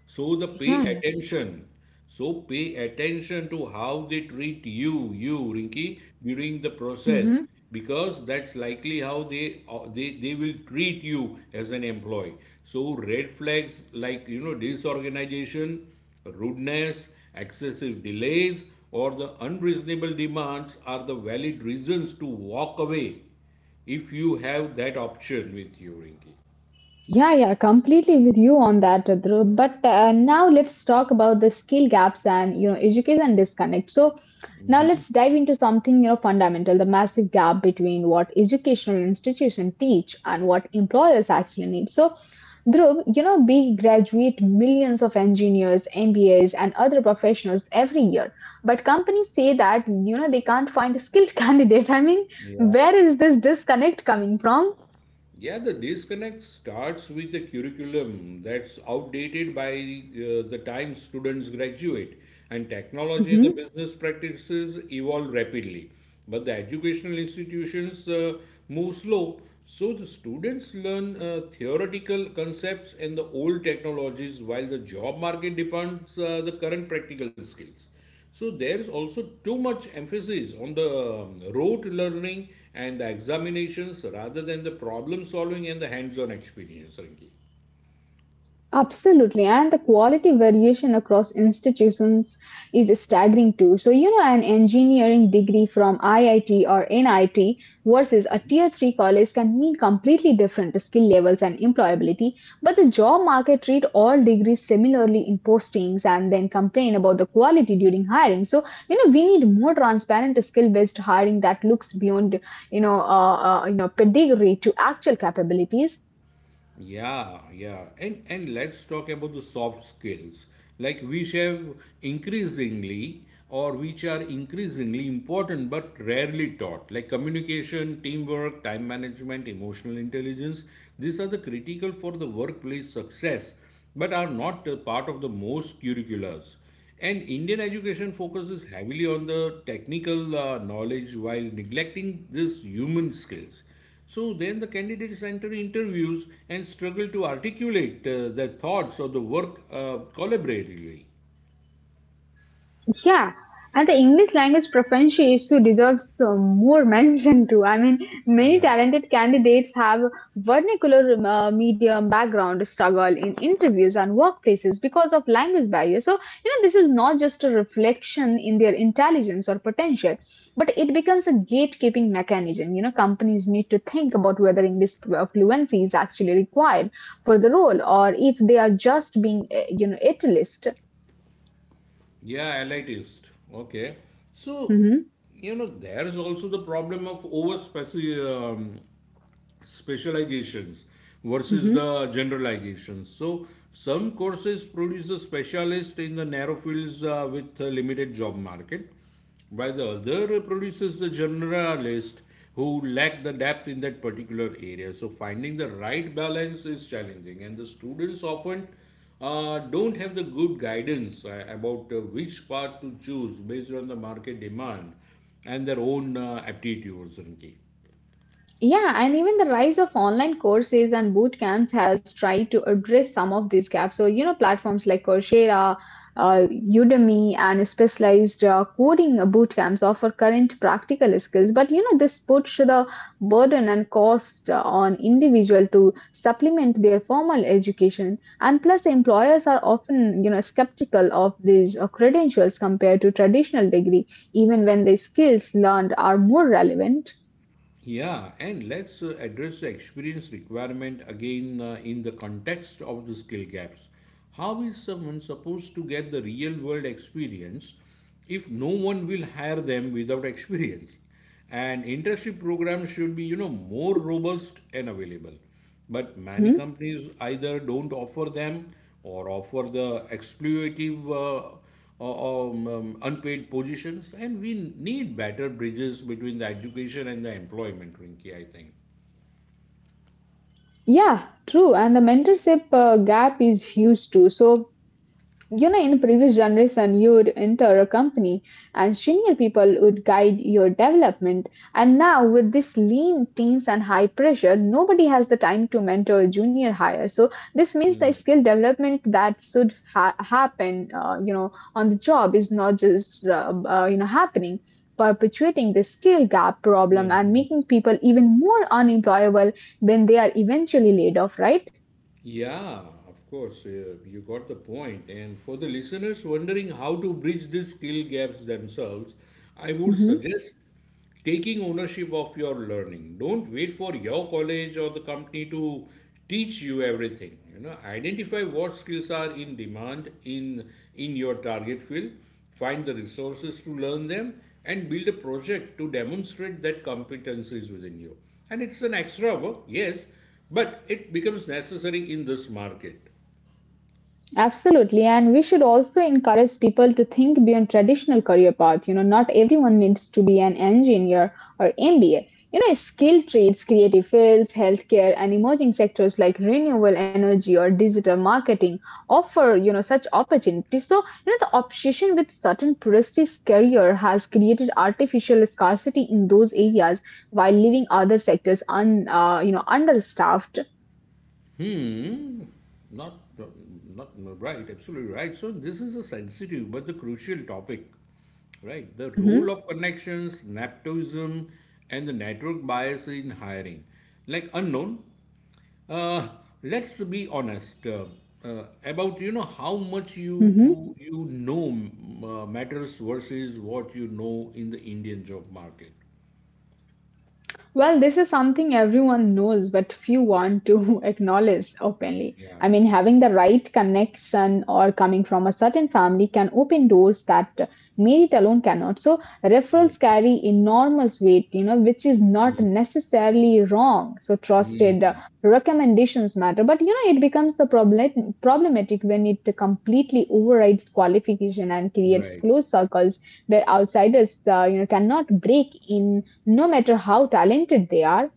[SPEAKER 2] So the
[SPEAKER 1] Yeah,
[SPEAKER 2] pay
[SPEAKER 1] yeah.
[SPEAKER 2] attention. So pay attention to how they treat you, Rinky, during the process,
[SPEAKER 1] Mhm.
[SPEAKER 2] because that's likely how they they will treat you as an employee. So red flags like you know disorganization, rudeness, excessive delays, or the unreasonable demands are the valid reasons to walk away if you have that option with you, Rinky.
[SPEAKER 1] Yeah, yeah, completely with you on that, Dhruv. But now let's talk about the skill gaps and you know education disconnect. So now let's dive into something you know fundamental: the massive gap between what educational institutions teach and what employers actually need. So, Dhruv, you know we graduate millions of engineers, MBAs, and other professionals every year, but companies say that you know they can't find a skilled *laughs* candidate. I mean, where is this disconnect coming from?
[SPEAKER 2] Yeah, the disconnect starts with the curriculum that's outdated by the time students graduate, and technology and the business practices evolve rapidly. But the educational institutions move slow, so the students learn theoretical concepts and the old technologies while the job market demands the current practical skills. So there's also too much emphasis on the rote learning and the examinations rather than the problem solving and the hands-on experience, Rinki.
[SPEAKER 1] Absolutely, and the quality variation across institutions is staggering too. So, you know, an engineering degree from IIT or NIT versus a tier 3 college can mean completely different skill levels and employability, but the job market treat all degrees similarly in postings and then complain about the quality during hiring. So, you know, we need more transparent skill-based hiring that looks beyond, you know, uh, pedigree to actual capabilities.
[SPEAKER 2] Yeah, yeah. And let's talk about the soft skills, like which have increasingly or which are increasingly important but rarely taught, like communication, teamwork, time management, emotional intelligence. These are the critical for the workplace success, but are not a part of the most curriculars. And Indian education focuses heavily on the technical knowledge while neglecting these human skills so then the candidates enter interviews and struggle to articulate their thoughts or the work collaboratively.
[SPEAKER 1] Yeah, and the English language proficiency issue deserves more *laughs* mention too. I mean, many
[SPEAKER 2] Yeah.
[SPEAKER 1] talented candidates have vernacular medium background struggle in interviews and workplaces because of language barriers. So, you know, this is not just a reflection in their intelligence or potential, but it becomes a gatekeeping mechanism. You know, companies need to think about whether English fluency is actually required for the role or if they are just being, you know, elitist.
[SPEAKER 2] Yeah, elitist. Okay. So,
[SPEAKER 1] Mm-hmm.
[SPEAKER 2] you know, there's also the problem of over specializations versus
[SPEAKER 1] Mm-hmm.
[SPEAKER 2] the generalizations. So some courses produce a specialist in the narrow fields with a limited job market, while the other produces the generalist who lack the depth in that particular area. So finding the right balance is challenging, and the students often don't have the good guidance about which path to choose based on the market demand and their own aptitudes, Rinki.
[SPEAKER 1] Yeah, and even the rise of online courses and boot camps has tried to address some of these gaps. So, you know, platforms like Coursera, Udemy, and specialized coding boot camps offer current practical skills. But, you know, this puts the burden and cost on individual to supplement their formal education. And plus, employers are often, you know, skeptical of these credentials compared to traditional degree, even when the skills learned are more relevant.
[SPEAKER 2] Yeah, and let's address the experience requirement again in the context of the skill gaps. How is someone supposed to get the real world experience if no one will hire them without experience? And internship programs should be, you know, more robust and available. But many
[SPEAKER 1] Mhm.
[SPEAKER 2] companies either don't offer them or offer the exploitative or, unpaid positions. And we need better bridges between the education and the employment, Rinki, I think.
[SPEAKER 1] Yeah, true. And the mentorship gap is huge too. So you know, in previous generation, you would enter a company and senior people would guide your development. And now, with this lean teams and high pressure, nobody has the time to mentor junior hire. So this means the skill development that should happen, you know, on the job is not just you know happening. Perpetuating the skill gap problem and making people even more unemployable when they are eventually laid off, right?
[SPEAKER 2] Yeah, of course, you got the point. And for the listeners wondering how to bridge these skill gaps themselves, I would
[SPEAKER 1] Mm-hmm.
[SPEAKER 2] suggest taking ownership of your learning don't wait for your college or the company to teach you everything you know identify what skills are in demand in your target field find the resources to learn them and build a project to demonstrate that competence is within you and it's an extra work yes but it becomes necessary in this market
[SPEAKER 1] Absolutely, and we should also encourage people to think beyond traditional career paths. You know, not everyone needs to be an engineer or MBA. You know, skilled trades, creative fields, healthcare, and emerging sectors like renewable energy or digital marketing offer, you know, such opportunities. So, you know, the obsession with certain prestigious career has created artificial scarcity in those areas while leaving other sectors you know, understaffed.
[SPEAKER 2] Not, not right, absolutely right. So this is a sensitive but the crucial topic, right? The role
[SPEAKER 1] Mm-hmm.
[SPEAKER 2] of connections, nepotism, and the network bias in hiring, like unknown. Uh, let's be honest about you know how much
[SPEAKER 1] Mm-hmm.
[SPEAKER 2] you you know matters versus what you know in the Indian job market.
[SPEAKER 1] Well, this is something everyone knows, but few want to *laughs* acknowledge openly.
[SPEAKER 2] Yeah,
[SPEAKER 1] I mean, having the right connection or coming from a certain family can open doors that merit alone cannot. So, referrals carry enormous weight, you know, which is not necessarily wrong. So, trusted recommendations matter, but you know, it becomes a problematic when it completely overrides qualification and creates
[SPEAKER 2] right.
[SPEAKER 1] closed circles where outsiders, you know, cannot break in no matter how talented they are.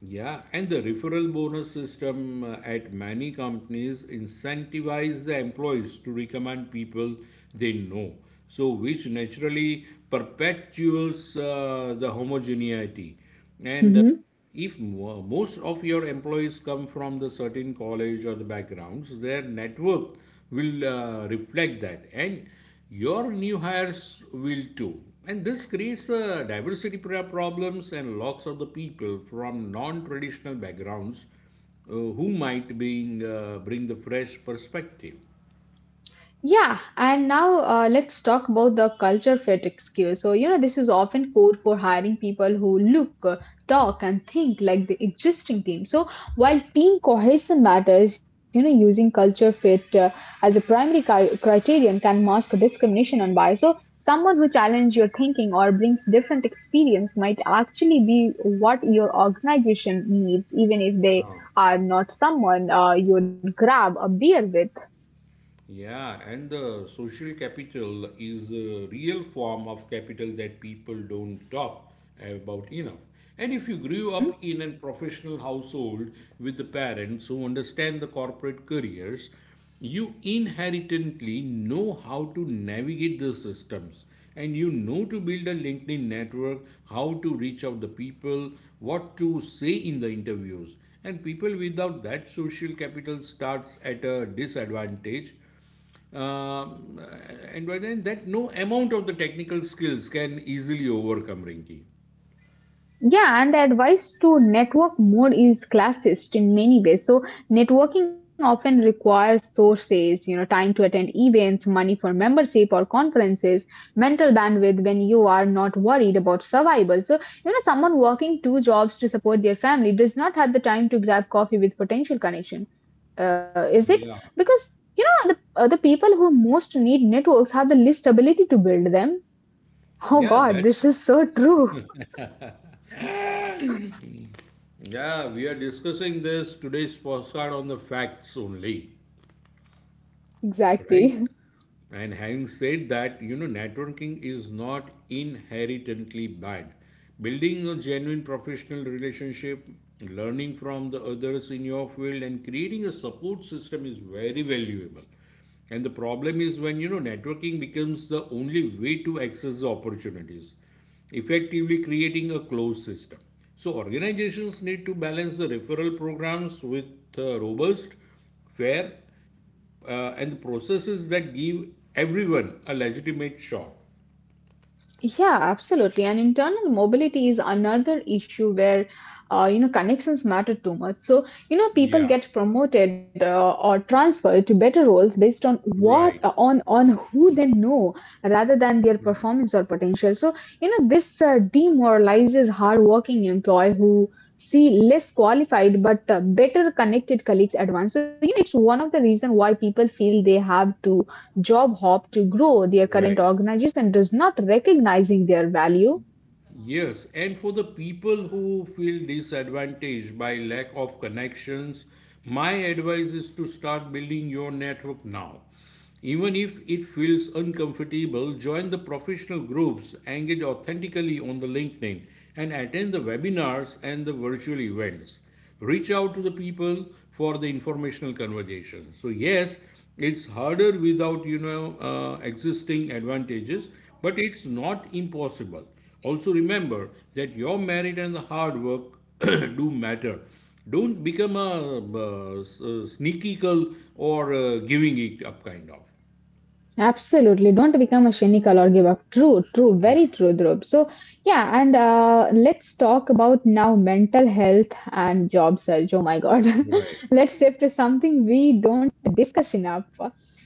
[SPEAKER 2] Yeah, and the referral bonus system at many companies incentivize the employees to recommend people they know, so which naturally perpetuates the homogeneity. And
[SPEAKER 1] Mhm.
[SPEAKER 2] if most of your employees come from the certain college or the backgrounds their network will reflect that and your new hires will too and this creates diversity problems and lots of the people from non-traditional backgrounds who might being, bring the fresh perspective.
[SPEAKER 1] Yeah, and now let's talk about the culture fit excuse. So, you know, this is often code for hiring people who look, talk, and think like the existing team. So, while team cohesion matters, you know, using culture fit as a primary criterion can mask discrimination and bias. So, someone who challenges your thinking or brings different experience might actually be what your organization needs, even if they are not someone you'd grab a beer with.
[SPEAKER 2] Yeah, and the social capital is a real form of capital that people don't talk about enough. And if you grew
[SPEAKER 1] Mhm.
[SPEAKER 2] up in a professional household with the parents who understand the corporate careers, you inherently know how to navigate the systems and you know to build a LinkedIn network, how to reach out the people, what to say in the interviews. And people without that social capital starts at a disadvantage um, and by then, that no amount of the technical skills can easily overcome, Rinki.
[SPEAKER 1] Yeah, and the advice to network more is classist in many ways. So, networking often requires sources, you know, time to attend events, money for membership or conferences, mental bandwidth when you are not worried about survival. So, you know, someone working 2 jobs to support their family does not have the time to grab coffee with potential connection. Is it?
[SPEAKER 2] Yeah.
[SPEAKER 1] Because, you know, the people who most need networks have the least ability to build them. *laughs* Oh,
[SPEAKER 2] Yeah,
[SPEAKER 1] God, this
[SPEAKER 2] that's.
[SPEAKER 1] is so true. *laughs*
[SPEAKER 2] Yeah, we are discussing this today's postcard on the facts only, right?
[SPEAKER 1] Exactly.
[SPEAKER 2] And having said that, you know, networking is not inherently bad. Building a genuine professional relationship, learning from the others in your field, and creating a support system is very valuable. And the problem is when, you know, networking becomes the only way to access the opportunities, effectively creating a closed system. So, organizations need to balance the referral programs with robust fair and the processes that give everyone a legitimate shot.
[SPEAKER 1] Yeah, absolutely. And internal mobility is another issue where you know connections matter too much. So you know people
[SPEAKER 2] Yeah,
[SPEAKER 1] get promoted or transferred to better roles based on what
[SPEAKER 2] right,
[SPEAKER 1] on who they know rather than their performance or potential. So you know this demoralizes hardworking employee who see less qualified but better connected colleagues at once. So it's one of the reason why people feel they have to job hop to grow their current
[SPEAKER 2] right.
[SPEAKER 1] organization does not recognizing their value.
[SPEAKER 2] Yes, and for the people who feel disadvantaged by lack of connections, my advice is to start building your network now. Even if it feels uncomfortable, join the professional groups, engage authentically on the LinkedIn, and attend the webinars and the virtual events. Reach out to the people for the informational conversation. So yes, it's harder without you know existing advantages, but it's not impossible. Also, remember that your merit and the hard work *clears throat* do matter. Don't become a, sneaky girl or giving it up kind of.
[SPEAKER 1] Absolutely, don't become a cynical or give up. True,
[SPEAKER 2] Yeah,
[SPEAKER 1] very true, Dhruv. So yeah and Let's talk about now mental health and job search. Oh my god.
[SPEAKER 2] you're right.
[SPEAKER 1] *laughs* Let's say something we don't discuss enough.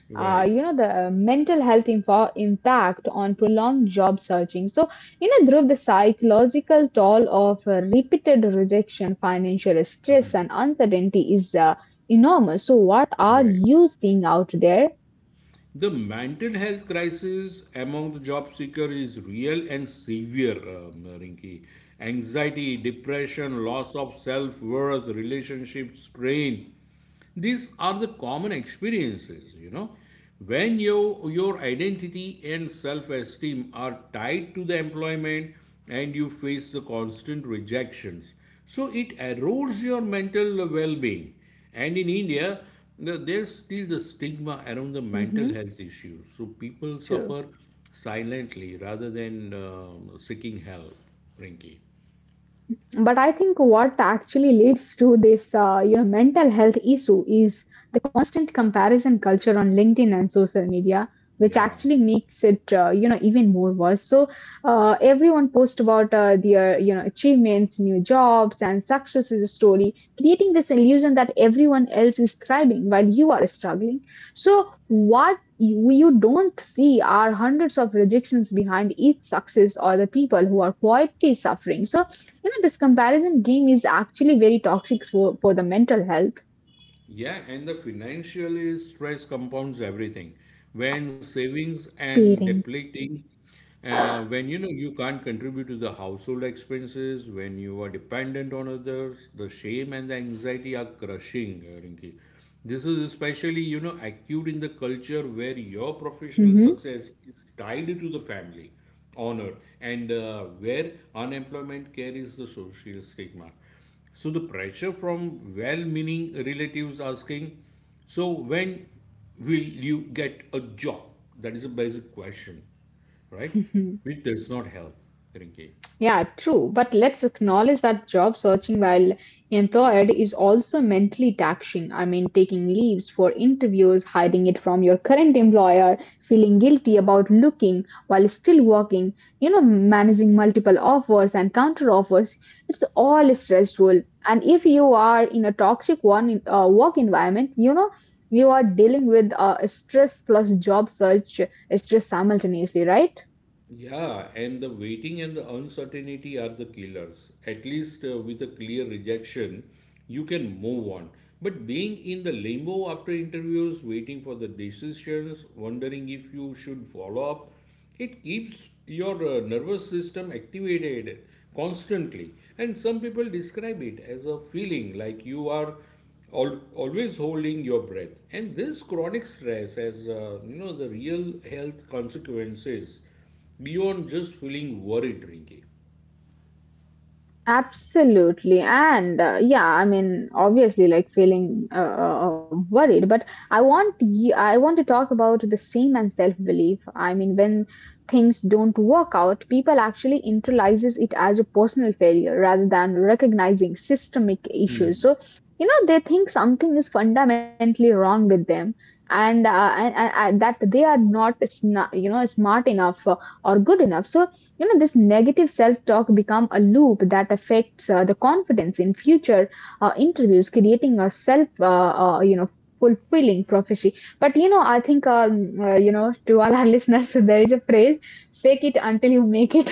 [SPEAKER 2] You're
[SPEAKER 1] uh,
[SPEAKER 2] right.
[SPEAKER 1] you know, the mental health info impact on prolonged job searching. So, you know, Dhruv, the psychological toll of repeated rejection, financial stress, and uncertainty is enormous. So, what
[SPEAKER 2] You're
[SPEAKER 1] are
[SPEAKER 2] right.
[SPEAKER 1] you seeing out there?
[SPEAKER 2] The mental health crisis among the job seeker is real and severe, Rinki. Anxiety, depression, loss of self worth, relationship strain, these are the common experiences, you know. When your identity and self esteem are tied to the employment and you face the constant rejections, so it erodes your mental well being. And in India, there's still the stigma around the mental
[SPEAKER 1] Mm-hmm.
[SPEAKER 2] health issues. So people
[SPEAKER 1] True.
[SPEAKER 2] suffer silently rather than seeking help, Rinky.
[SPEAKER 1] But I think what actually leads to this mental health issue is the constant comparison culture on LinkedIn and social media, which
[SPEAKER 2] Yeah.
[SPEAKER 1] actually makes it, even more worse. So everyone posts about their, achievements, new jobs and success is a story, creating this illusion that everyone else is thriving while you are struggling. So what you don't see are hundreds of rejections behind each success or the people who are quietly suffering. So, you know, this comparison game is actually very toxic for, the mental health.
[SPEAKER 2] Yeah, and the financial stress compounds everything. When savings and
[SPEAKER 1] Parent.
[SPEAKER 2] depleting, when you know you can't contribute to the household expenses, when you are dependent on others, the shame and the anxiety are crushing, Rinki. This is especially, you know, acute in the culture where your professional
[SPEAKER 1] Hmm.
[SPEAKER 2] success is tied to the family honor and where unemployment carries the social stigma. So the pressure from well-meaning relatives asking, "So when will you get a job?" That is a basic question, right?
[SPEAKER 1] *laughs*
[SPEAKER 2] Which does not help, Rinki.
[SPEAKER 1] Yeah, true. But let's acknowledge that job searching while employed is also mentally taxing. I mean, taking leaves for interviews, hiding it from your current employer, feeling guilty about looking while still working, you know, managing multiple offers and counter offers. It's all stressful. And if you are in a toxic one work environment, you know, you are dealing with stress plus job search stress simultaneously, right?
[SPEAKER 2] Yeah, and the waiting and the uncertainty are the killers. At least with a clear rejection, you can move on. But being in the limbo after interviews, waiting for the decisions, wondering if you should follow up, it keeps your nervous system activated constantly. And some people describe it as a feeling like you are always holding your breath. And this chronic stress has, you know, the real health consequences beyond just feeling worried, Rinky.
[SPEAKER 1] Absolutely. And yeah, I mean, obviously, like feeling worried. But I want to talk about the same and self-belief. I mean, when things don't work out, people actually internalizes it as a personal failure rather than recognizing systemic issues. So, you know, they think something is fundamentally wrong with them. And that they are not, smart enough or good enough. So you know this negative self-talk become a loop that affects the confidence in future interviews, creating a self fulfilling prophecy. But you know I think to all our *laughs* listeners, there is a phrase: fake it until you make it.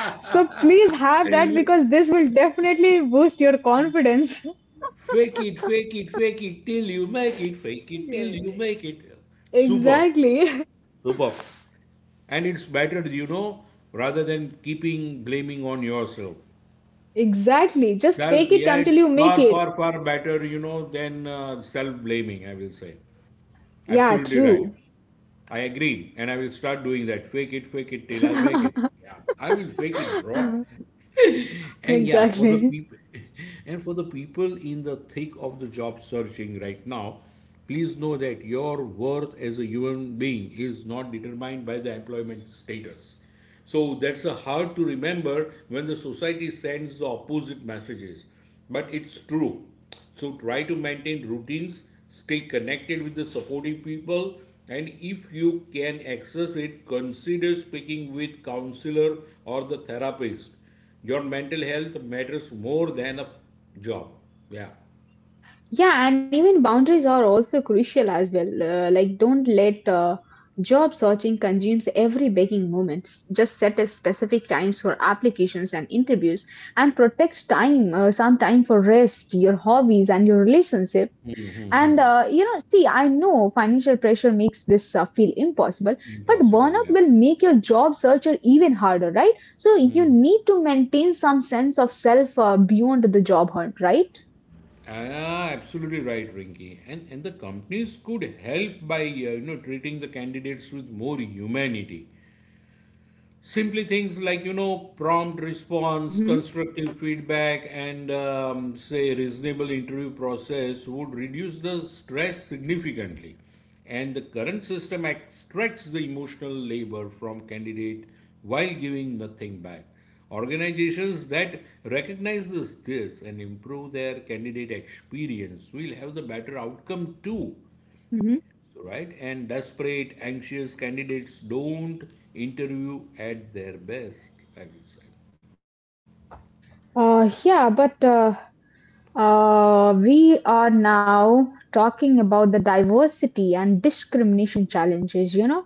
[SPEAKER 1] *laughs* So please have that, because this will definitely boost your confidence.
[SPEAKER 2] Fake it, fake it, fake it till you make it, fake it till you make it.
[SPEAKER 1] *laughs*
[SPEAKER 2] Superb,
[SPEAKER 1] Exactly.
[SPEAKER 2] superb. And it's better, you know, rather than keeping blaming on yourself.
[SPEAKER 1] Exactly, just
[SPEAKER 2] Self,
[SPEAKER 1] fake it
[SPEAKER 2] yeah,
[SPEAKER 1] until
[SPEAKER 2] it's
[SPEAKER 1] you
[SPEAKER 2] far,
[SPEAKER 1] make it.
[SPEAKER 2] far, far better, you know, than self blaming, I will say.
[SPEAKER 1] Yeah,
[SPEAKER 2] Absolutely right.
[SPEAKER 1] true.
[SPEAKER 2] I agree, and I will start doing that. Fake it till I make it. Yeah, I will fake it, bro.
[SPEAKER 1] *laughs*
[SPEAKER 2] *laughs* And yeah, for the
[SPEAKER 1] Exactly.
[SPEAKER 2] people, *laughs* and for the people in the thick of the job searching right now, please know that your worth as a human being is not determined by the employment status. So that's a hard to remember when the society sends the opposite messages, but it's true. So try to maintain routines, stay connected with the supporting people, and if you can access it, consider speaking with counselor or the therapist. Your mental health matters more than a job. Yeah.
[SPEAKER 1] Yeah, and even boundaries are also crucial as well. Like, don't let job searching consumes every waking moment. Just set a specific times for applications and interviews, and protect time, some time for rest, your hobbies, and your relationship. And see, I know financial pressure makes this feel impossible, but
[SPEAKER 2] Impossible,
[SPEAKER 1] burnout
[SPEAKER 2] yeah.
[SPEAKER 1] will make your job searcher even harder, right? So you need to maintain some sense of self beyond the job hunt, right?
[SPEAKER 2] Ah, absolutely right, Rinky. And the companies could help by you know treating the candidates with more humanity. Simply things like, you know, prompt response,
[SPEAKER 1] Mm-hmm.
[SPEAKER 2] constructive feedback, and say reasonable interview process would reduce the stress significantly. And the current system extracts the emotional labor from candidate while giving nothing back. Organizations that recognizes this and improve their candidate experience will have the better outcome too. So, right? And desperate, anxious candidates don't interview at their best, I would say.
[SPEAKER 1] Yeah, but We are now talking about the diversity and discrimination challenges, you know.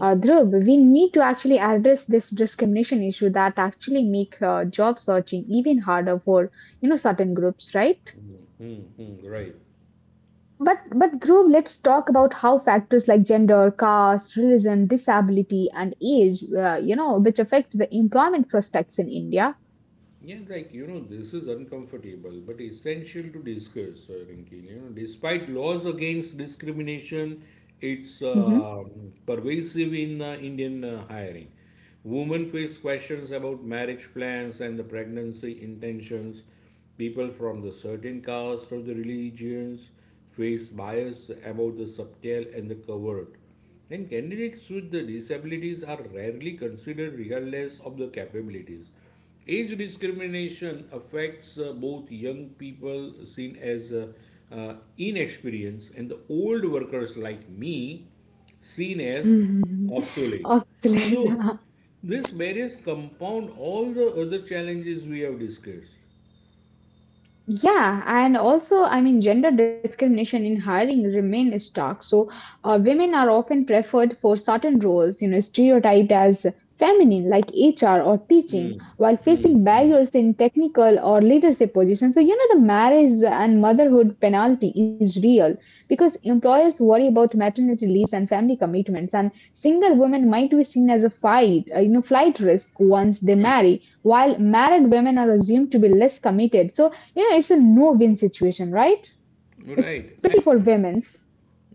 [SPEAKER 1] Dhruv, we need to actually address this discrimination issue that actually make job searching even harder for, you know, certain groups, right?
[SPEAKER 2] Mm-hmm, right.
[SPEAKER 1] But Dhruv, let's talk about how factors like gender, caste, religion, disability, and age, which affect the employment prospects in India.
[SPEAKER 2] Yeah, like you know, this is uncomfortable but essential to discuss, Rinki. You know, despite laws against discrimination, it's
[SPEAKER 1] Hmm.
[SPEAKER 2] pervasive in Indian hiring. Women face questions about marriage plans and the pregnancy intentions. People from the certain caste or the religions face bias about the subtle and the covert. And candidates with the disabilities are rarely considered regardless of the capabilities. Age discrimination affects both young people seen as inexperienced and the old workers like me seen as obsolete.
[SPEAKER 1] Absolutely.
[SPEAKER 2] So,
[SPEAKER 1] *laughs* *laughs*
[SPEAKER 2] this barriers compound all the other challenges we have discussed.
[SPEAKER 1] Yeah, and also, I mean, gender discrimination in hiring remain stark. So, women are often preferred for certain roles, you know, stereotyped as feminine, like HR or teaching, while facing barriers in technical or leadership positions. So, you know, the marriage and motherhood penalty is real, because employers worry about maternity leaves and family commitments, and single women might be seen as a flight risk once they marry, while married women are assumed to be less committed. So yeah, it's a no-win situation, right?
[SPEAKER 2] Right.
[SPEAKER 1] Especially for
[SPEAKER 2] Eh,
[SPEAKER 1] women.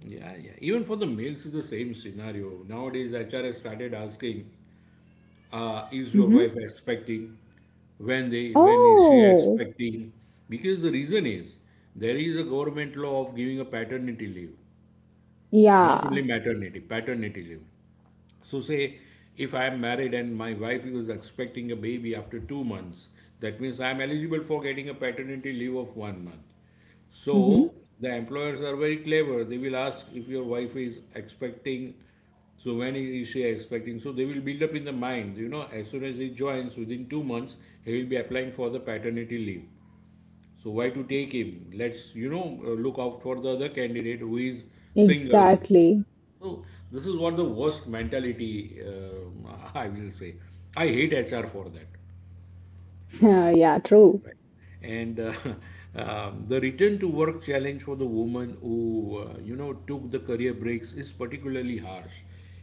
[SPEAKER 2] yeah, yeah. Even for the males, it's the same scenario. Nowadays, HR has started asking is your wife
[SPEAKER 1] Hmm.
[SPEAKER 2] expecting when is she
[SPEAKER 1] Oh,
[SPEAKER 2] expecting because the reason is there is a government law of giving a paternity leave, not only
[SPEAKER 1] yeah.
[SPEAKER 2] maternity paternity leave. So, say if I am married and my wife is expecting a baby after 2 months, that means I am eligible for getting a paternity leave of 1 month.
[SPEAKER 1] Hmm.
[SPEAKER 2] So, the employers are very clever. They will ask if your wife is expecting, so when is she expecting? So, they will build up in the mind, you know, as soon as he joins within 2 months, he will be applying for the paternity leave. So why to take him? Let's, you know, look out for the other candidate who is single.
[SPEAKER 1] Exactly.
[SPEAKER 2] So this is what the worst mentality, *laughs* I will say. I hate HR for that.
[SPEAKER 1] *laughs* Yeah, true.
[SPEAKER 2] Right. And *laughs* the return to work challenge for the woman who, you know, took the career breaks is particularly harsh.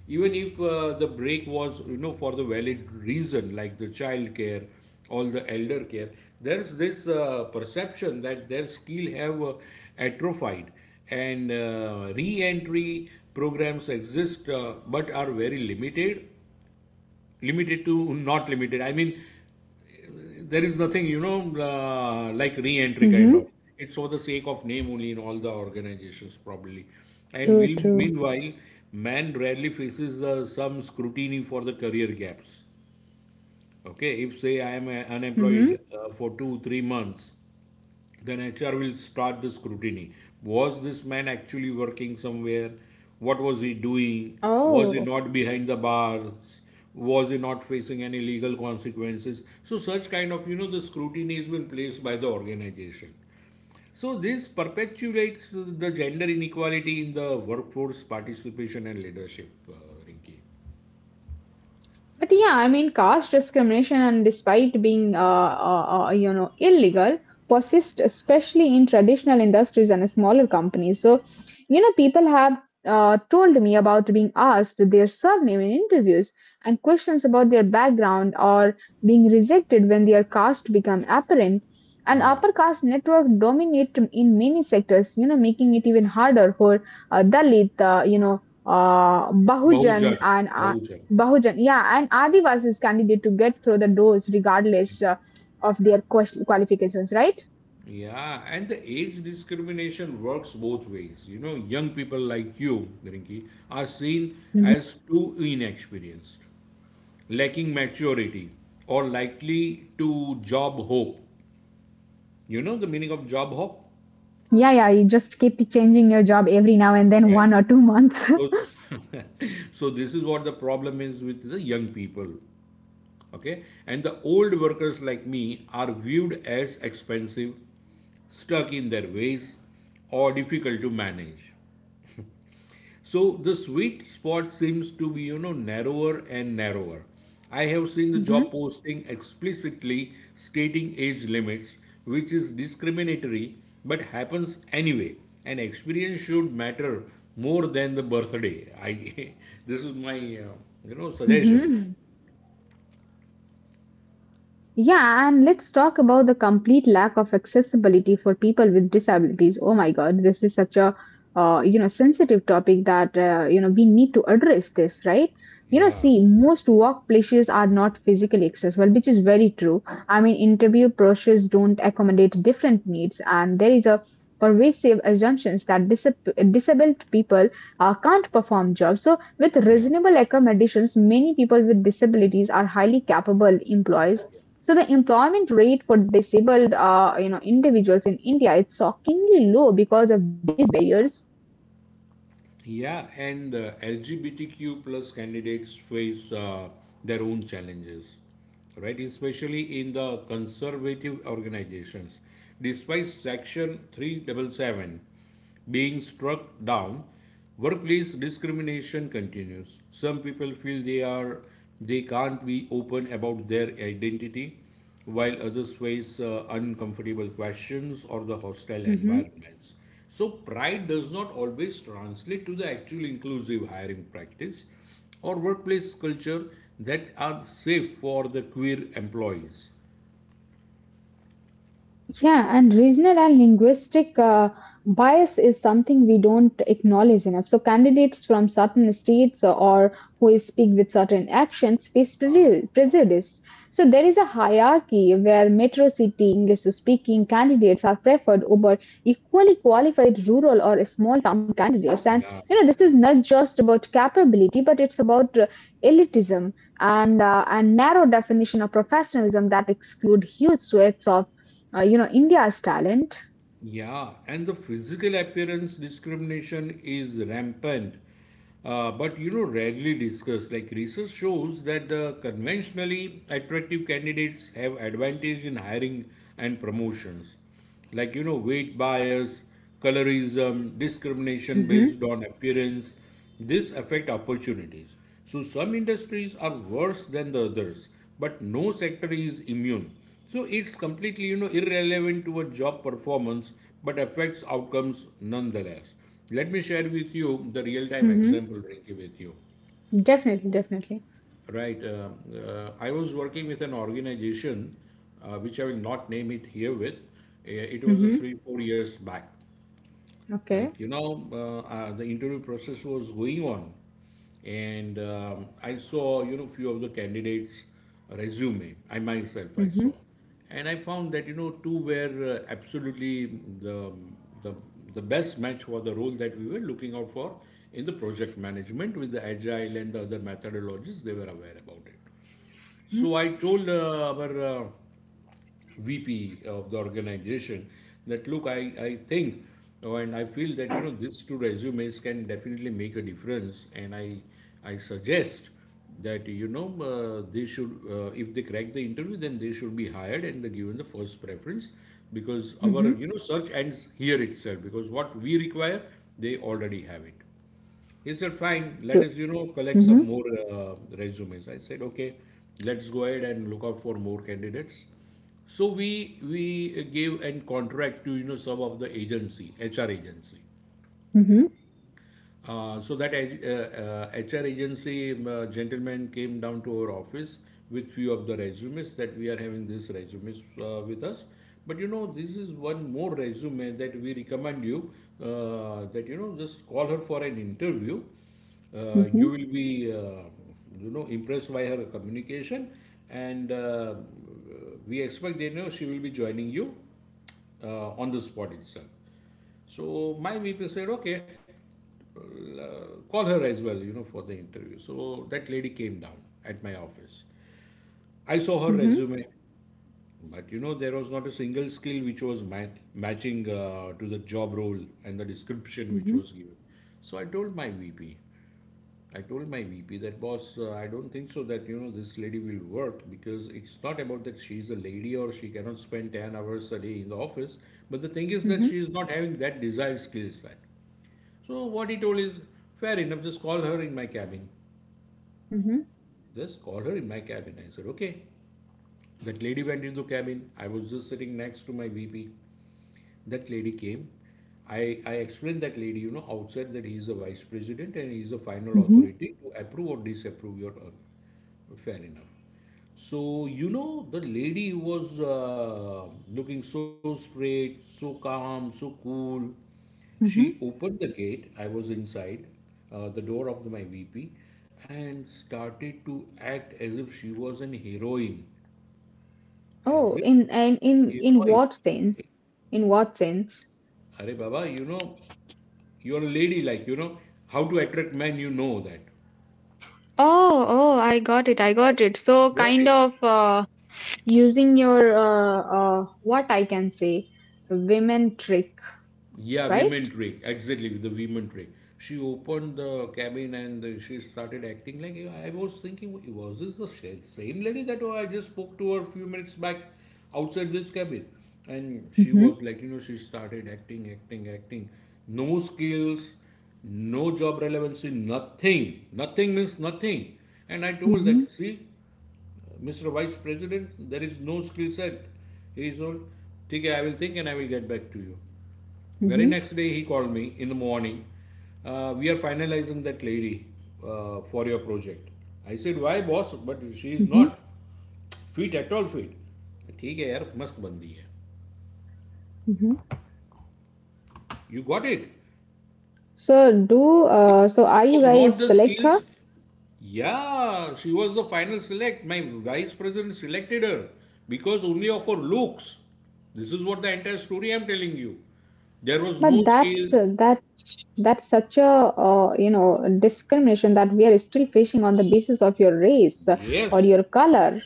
[SPEAKER 2] Even if the break was, you know, for the valid reason, like the child care or the elder care, there's this perception that their skill have atrophied and re-entry programs exist but are very limited, limited to not limited, I mean, there is nothing you know like re-entry kind of.
[SPEAKER 1] Hmm.
[SPEAKER 2] It's for the sake of name only in all the organizations probably. And will,
[SPEAKER 1] True, true.
[SPEAKER 2] meanwhile man rarely faces some scrutiny for the career gaps. Okay, if say I am unemployed
[SPEAKER 1] Hmm.
[SPEAKER 2] for 2 3 months, then HR will start the scrutiny. Was this man actually working somewhere? What was he doing? Was he
[SPEAKER 1] Oh.
[SPEAKER 2] not behind the bars? Was he not facing any legal consequences? So, such kind of, you know, the scrutiny has been placed by the organization. So, this perpetuates the gender inequality in the workforce participation and leadership, Rinki.
[SPEAKER 1] But yeah, I mean, caste discrimination, and despite being, illegal, persists especially in traditional industries and smaller companies. So, you know, people have told me about being asked their surname in interviews and questions about their background, or being rejected when their caste become apparent. And upper caste network dominate in many sectors, you know, making it even harder for Dalit,
[SPEAKER 2] Bahujan,
[SPEAKER 1] Bahujan and
[SPEAKER 2] Bahujan.
[SPEAKER 1] Bahujan, yeah, and Adivasis candidate to get through the doors regardless of their qualifications, right?
[SPEAKER 2] Yeah, and the age discrimination works both ways. You know, young people like you, Rinki, are seen
[SPEAKER 1] Mhm.
[SPEAKER 2] as too inexperienced, lacking maturity, or likely to job hope. You know the meaning of job hope?
[SPEAKER 1] Yeah, yeah, you just keep changing your job every now and then,
[SPEAKER 2] Right.
[SPEAKER 1] one or two months.
[SPEAKER 2] So, *laughs* so this is what the problem is with the young people. Okay, and the old workers like me are viewed as expensive, stuck in their ways, or difficult to manage. So the sweet spot seems to be, you know, narrower and narrower. I have seen the
[SPEAKER 1] *laughs* Hmm.
[SPEAKER 2] job posting explicitly stating age limits, which is discriminatory but happens anyway. And experience should matter more than the birthday. I *laughs* this is my you know suggestion.
[SPEAKER 1] Hmm. Yeah, and let's talk about the complete lack of accessibility for people with disabilities. Oh my God, this is such a sensitive topic, that we need to address this, right? You know,
[SPEAKER 2] Yeah,
[SPEAKER 1] see, most workplaces are not physically accessible, which is very true. I mean, interview processes don't accommodate different needs, and there is a pervasive assumptions that disabled people can't perform jobs. So, with
[SPEAKER 2] yeah.
[SPEAKER 1] reasonable accommodations, many people with disabilities are highly capable employees. So the employment rate for disabled individuals in India is shockingly low because of these barriers.
[SPEAKER 2] Yeah, and LGBTQ plus candidates face their own challenges, right? Especially in the conservative organizations. Despite Section 377 being struck down, workplace discrimination continues. Some people feel they can't be open about their identity while others face uncomfortable questions or the hostile environments. So, pride does not always translate to the actual inclusive hiring practice or workplace culture that are safe for the queer employees.
[SPEAKER 1] Yeah, and regional and linguistic bias is something we don't acknowledge enough. So, candidates from certain states or who speak with certain accents face prejudice. So, there is a hierarchy where metro city English speaking candidates are preferred over equally qualified rural or small town candidates. And,
[SPEAKER 2] Yeah, yeah,
[SPEAKER 1] you know,
[SPEAKER 2] yeah.
[SPEAKER 1] this is not just about capability, but it's about elitism and a narrow definition of professionalism that exclude huge swaths of India's talent.
[SPEAKER 2] Yeah, and the physical appearance discrimination is rampant, but you know, rarely discussed. Like research shows that the conventionally attractive candidates have advantage in hiring and promotions, like you know, weight bias, colorism, discrimination
[SPEAKER 1] Mm-hmm.
[SPEAKER 2] based on appearance. This affect opportunities. So some industries are worse than the others, but no sector is immune. So it's completely you know irrelevant to a job performance, but affects outcomes nonetheless. Let me share with you the real time
[SPEAKER 1] Mm-hmm.
[SPEAKER 2] example, Rinki, with you.
[SPEAKER 1] Definitely, definitely.
[SPEAKER 2] Right, I was working with an organization, which I will not name it here with. It was a
[SPEAKER 1] Mm-hmm.
[SPEAKER 2] 3 4 years back,
[SPEAKER 1] Okay.
[SPEAKER 2] like you know the interview process was going on, and I saw you know few of the candidates resume, I myself I saw,
[SPEAKER 1] Mm-hmm.
[SPEAKER 2] and I found that you know two were absolutely the the best match for the role that we were looking out for in the project management, with the agile and the other methodologies they were aware about it.
[SPEAKER 1] Mm-hmm.
[SPEAKER 2] So I told our VP of the organization that look, I think, oh, and I feel that you know these two resumes can definitely make a difference, and I suggest that you know they should if they crack the interview then they should be hired and they given the first preference, because our
[SPEAKER 1] Mm-hmm.
[SPEAKER 2] you know search ends here itself, because what we require they already have it. He said, fine, let
[SPEAKER 1] True.
[SPEAKER 2] us, you know, collect
[SPEAKER 1] Mm-hmm.
[SPEAKER 2] some more resumes. I said, okay, let's go ahead and look out for more candidates. So we gave an contract to, you know, some of the agency, HR agency.
[SPEAKER 1] Mm-hmm.
[SPEAKER 2] So that HR agency gentleman came down to our office with few of the resumes that we are having these resumes with us. But you know, this is one more resume that we recommend you that you know just call her for an interview.
[SPEAKER 1] Mm-hmm.
[SPEAKER 2] You will be you know impressed by her communication, and we expect that you know she will be joining you on the spot itself. So my VP said, okay, call her as well, you know, for the interview. So that lady came down at my office. I saw her
[SPEAKER 1] Mm-hmm. Hmm.
[SPEAKER 2] resume, but you know, there was not a single skill which was matching to the job role and the description which was given. So I told my VP, that boss, I don't think so that you know this lady will work because it's not about that she's a lady or she cannot spend 10 hours a day in the office, but the thing is that
[SPEAKER 1] Hmm.
[SPEAKER 2] she is not having that desired skill set. So what he told is, fair enough, just call her in my cabin.
[SPEAKER 1] Mm-hmm.
[SPEAKER 2] Just call her in my cabin. I said, okay. That lady went into the cabin. I was just sitting next to my VP, that lady came. I explained that lady, you know, outside that he is the vice president and he is the final
[SPEAKER 1] Mm-hmm.
[SPEAKER 2] authority to approve or disapprove your. Fair enough. So, you know, the lady was looking so straight, so calm, so cool. She
[SPEAKER 1] Mm-hmm.
[SPEAKER 2] opened the gate. I was inside the door of the, my VP and started to act as if she was an heroine. As
[SPEAKER 1] Oh,
[SPEAKER 2] if
[SPEAKER 1] in
[SPEAKER 2] heroine.
[SPEAKER 1] what sense? In what sense?
[SPEAKER 2] Arey Baba, you know, you're a lady, like, you know, how to attract men, you know that.
[SPEAKER 1] Oh, oh, I got it. I got it. So,
[SPEAKER 2] Got
[SPEAKER 1] kind
[SPEAKER 2] it?
[SPEAKER 1] of using your. What I can say, women trick,
[SPEAKER 2] Yeah,
[SPEAKER 1] right?
[SPEAKER 2] women trick. Exactly, the women trick. She opened the cabin and she started acting like I was thinking, was this the same lady that oh, I just spoke to her a few minutes back outside this cabin? And she
[SPEAKER 1] Mm-hmm.
[SPEAKER 2] was like, you know, she started acting, acting, acting. No skills, no job relevancy, nothing. Nothing means nothing. And I told
[SPEAKER 1] Mm-hmm.
[SPEAKER 2] that, see, Mr. Vice President, there is no skill set. He is old. Okay, I will think and I will get back to you. Very
[SPEAKER 1] Mm-hmm.
[SPEAKER 2] next day, he called me in the morning. We are finalizing that lady for your project. I said, why boss? But she is not fit at all fit. Okay, ठीक है bandi hai.
[SPEAKER 1] Mm-hmm.
[SPEAKER 2] You got it.
[SPEAKER 1] So do so are
[SPEAKER 2] It
[SPEAKER 1] you
[SPEAKER 2] was not
[SPEAKER 1] guys
[SPEAKER 2] the
[SPEAKER 1] selective?
[SPEAKER 2] skills. Yeah, she was the final select. My vice president selected her because only of her looks. This is what the entire story I'm telling you. There was no
[SPEAKER 1] But that's
[SPEAKER 2] skill.
[SPEAKER 1] that that's such a discrimination that we are still facing on the basis of your race or
[SPEAKER 2] Yes,
[SPEAKER 1] your color.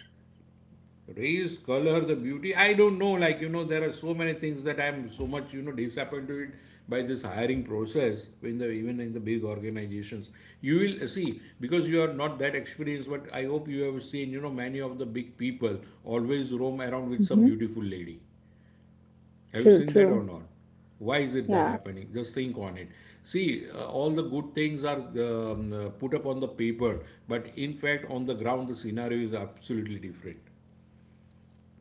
[SPEAKER 2] race, color, the beauty. I don't know. Like, you know, there are so many things that I'm so much, you know, disappointed by this hiring process in the even in the big organizations. You will see because you are not that experienced, but I hope you have seen, you know, many of the big people always roam around with some
[SPEAKER 1] Hmm.
[SPEAKER 2] beautiful lady. Have you
[SPEAKER 1] True,
[SPEAKER 2] seen that
[SPEAKER 1] true.
[SPEAKER 2] or not? Why is it that
[SPEAKER 1] Yeah.
[SPEAKER 2] happening? Just think on it. See, all the good things are put up on the paper, but in fact, on the ground, the scenario is absolutely different.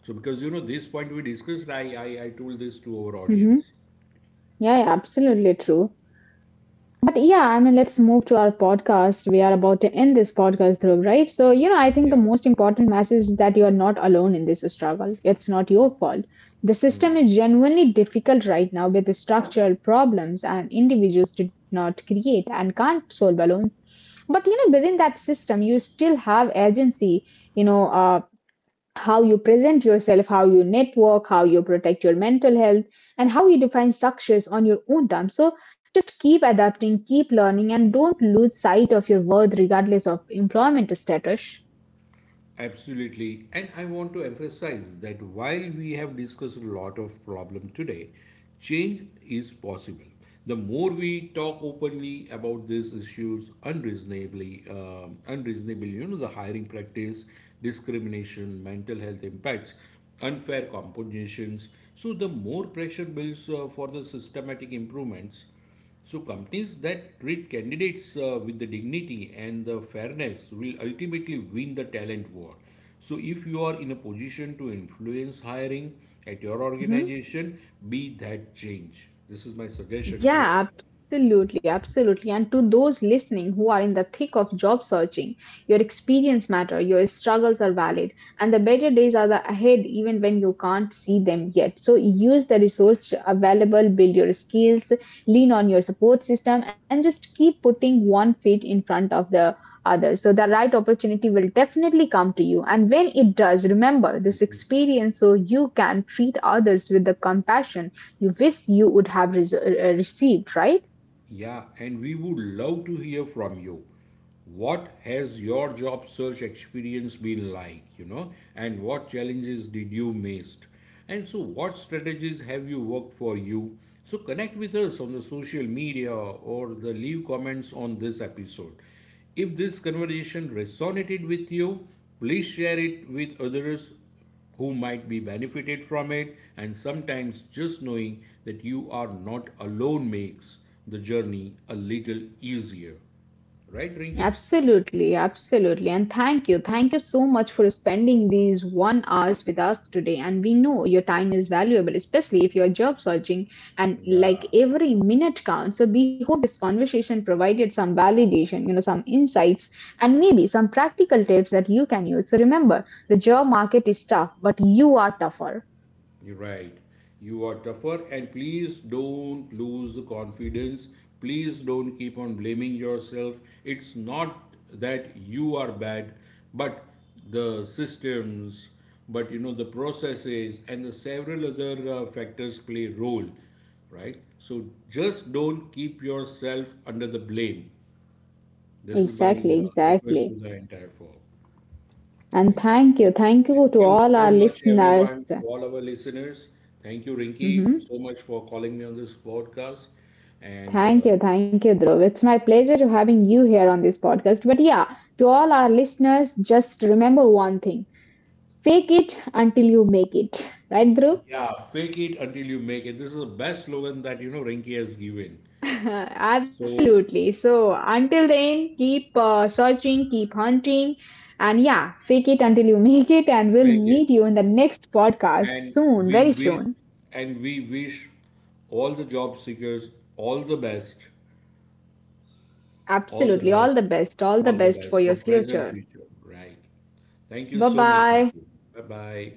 [SPEAKER 2] So, because you know, this point we discussed, I told this to our
[SPEAKER 1] Hmm.
[SPEAKER 2] audience.
[SPEAKER 1] Yeah, yeah, absolutely true. But yeah, I mean, let's move to our podcast. We are about to end this podcast, Dhruv, right? So, you know, I think the
[SPEAKER 2] Yeah.
[SPEAKER 1] most important message is that you are not alone in this struggle. It's not your fault. The system is genuinely difficult right now with the structural problems and individuals did not create and can't solve alone. But, you know, within that system, you still have agency, you know, uh, how you present yourself, how you network, how you protect your mental health, and how you define success on your own terms. So just keep adapting, keep learning, and don't lose sight of your worth regardless of employment status.
[SPEAKER 2] Absolutely. And I want to emphasize that while we have discussed a lot of problem today, change is possible. The more we talk openly about these issues, unreasonably, you know, the hiring practice, discrimination, mental health impacts, unfair compensations. So the more pressure builds for the systematic improvements. So, companies that treat candidates with the dignity and the fairness will ultimately win the talent war. So, if you are in a position to influence hiring at your
[SPEAKER 1] Mhm.
[SPEAKER 2] organization, be that change. This is my suggestion to all.
[SPEAKER 1] Yeah, absolutely, absolutely. And to those listening who are in the thick of job searching, your experience matter, your struggles are valid, and the better days are the ahead even when you can't see them yet. So use the resource available, build your skills, lean on your support system, and just keep putting one foot in front of the other. So the right opportunity will definitely come to you. And when it does, remember this experience so you can treat others with the compassion you wish you would have received, right?
[SPEAKER 2] Yeah, and we would love to hear from you. What has your job search experience been like, you know, and what challenges did you miss? And so, what strategies have you worked for you? So, connect with us on the social media or the leave comments on this episode. If this conversation resonated with you, please share it with others who might be benefited from it, and sometimes just knowing that you are not alone makes the journey a little easier. Right, Rinki?
[SPEAKER 1] Absolutely, absolutely. And thank you. Thank you so much for spending these one hours with us today. And we know your time is valuable, especially if you're job searching and like
[SPEAKER 2] Yeah,
[SPEAKER 1] every minute counts. So we hope this conversation provided some validation, you know, some insights and maybe some practical tips that you can use. So remember, the job market is tough, but you are tougher.
[SPEAKER 2] you're right. You are tougher, and please don't lose confidence. Please don't keep on blaming yourself. It's not that you are bad, but the systems, but you know, the processes and the several other factors play a role, right? So just don't keep yourself under the blame. This is my
[SPEAKER 1] Exactly, exactly.
[SPEAKER 2] request to the entire forum.
[SPEAKER 1] And
[SPEAKER 2] Right.
[SPEAKER 1] thank you.
[SPEAKER 2] So
[SPEAKER 1] Thank you
[SPEAKER 2] thank
[SPEAKER 1] to
[SPEAKER 2] you
[SPEAKER 1] all our
[SPEAKER 2] so much,
[SPEAKER 1] listeners.
[SPEAKER 2] everyone, to all our listeners. Thank you, Rinky,
[SPEAKER 1] Mhm.
[SPEAKER 2] so much for calling me on this podcast. And
[SPEAKER 1] Thank you, Dhruv. It's my pleasure to having you here on this podcast. But yeah, to all our listeners, just remember one thing: fake it until you make it. Right, Dhruv?
[SPEAKER 2] yeah, fake it until you make it. This is the best slogan that you know Rinky has given.
[SPEAKER 1] *laughs*
[SPEAKER 2] So
[SPEAKER 1] Absolutely. So until then, keep searching, keep hunting, and yeah, fake it until you *laughs* make it. And we'll
[SPEAKER 2] make it,
[SPEAKER 1] meet you in the next podcast
[SPEAKER 2] and
[SPEAKER 1] soon,
[SPEAKER 2] we
[SPEAKER 1] very
[SPEAKER 2] we
[SPEAKER 1] soon.
[SPEAKER 2] and we wish all the job seekers all the best, all the
[SPEAKER 1] Absolutely. All
[SPEAKER 2] best,
[SPEAKER 1] the best. All the
[SPEAKER 2] all the
[SPEAKER 1] best for
[SPEAKER 2] best
[SPEAKER 1] your
[SPEAKER 2] for present
[SPEAKER 1] future.
[SPEAKER 2] future. Right. Thank you
[SPEAKER 1] Bye
[SPEAKER 2] so much,
[SPEAKER 1] bye.
[SPEAKER 2] Rinky. Bye bye.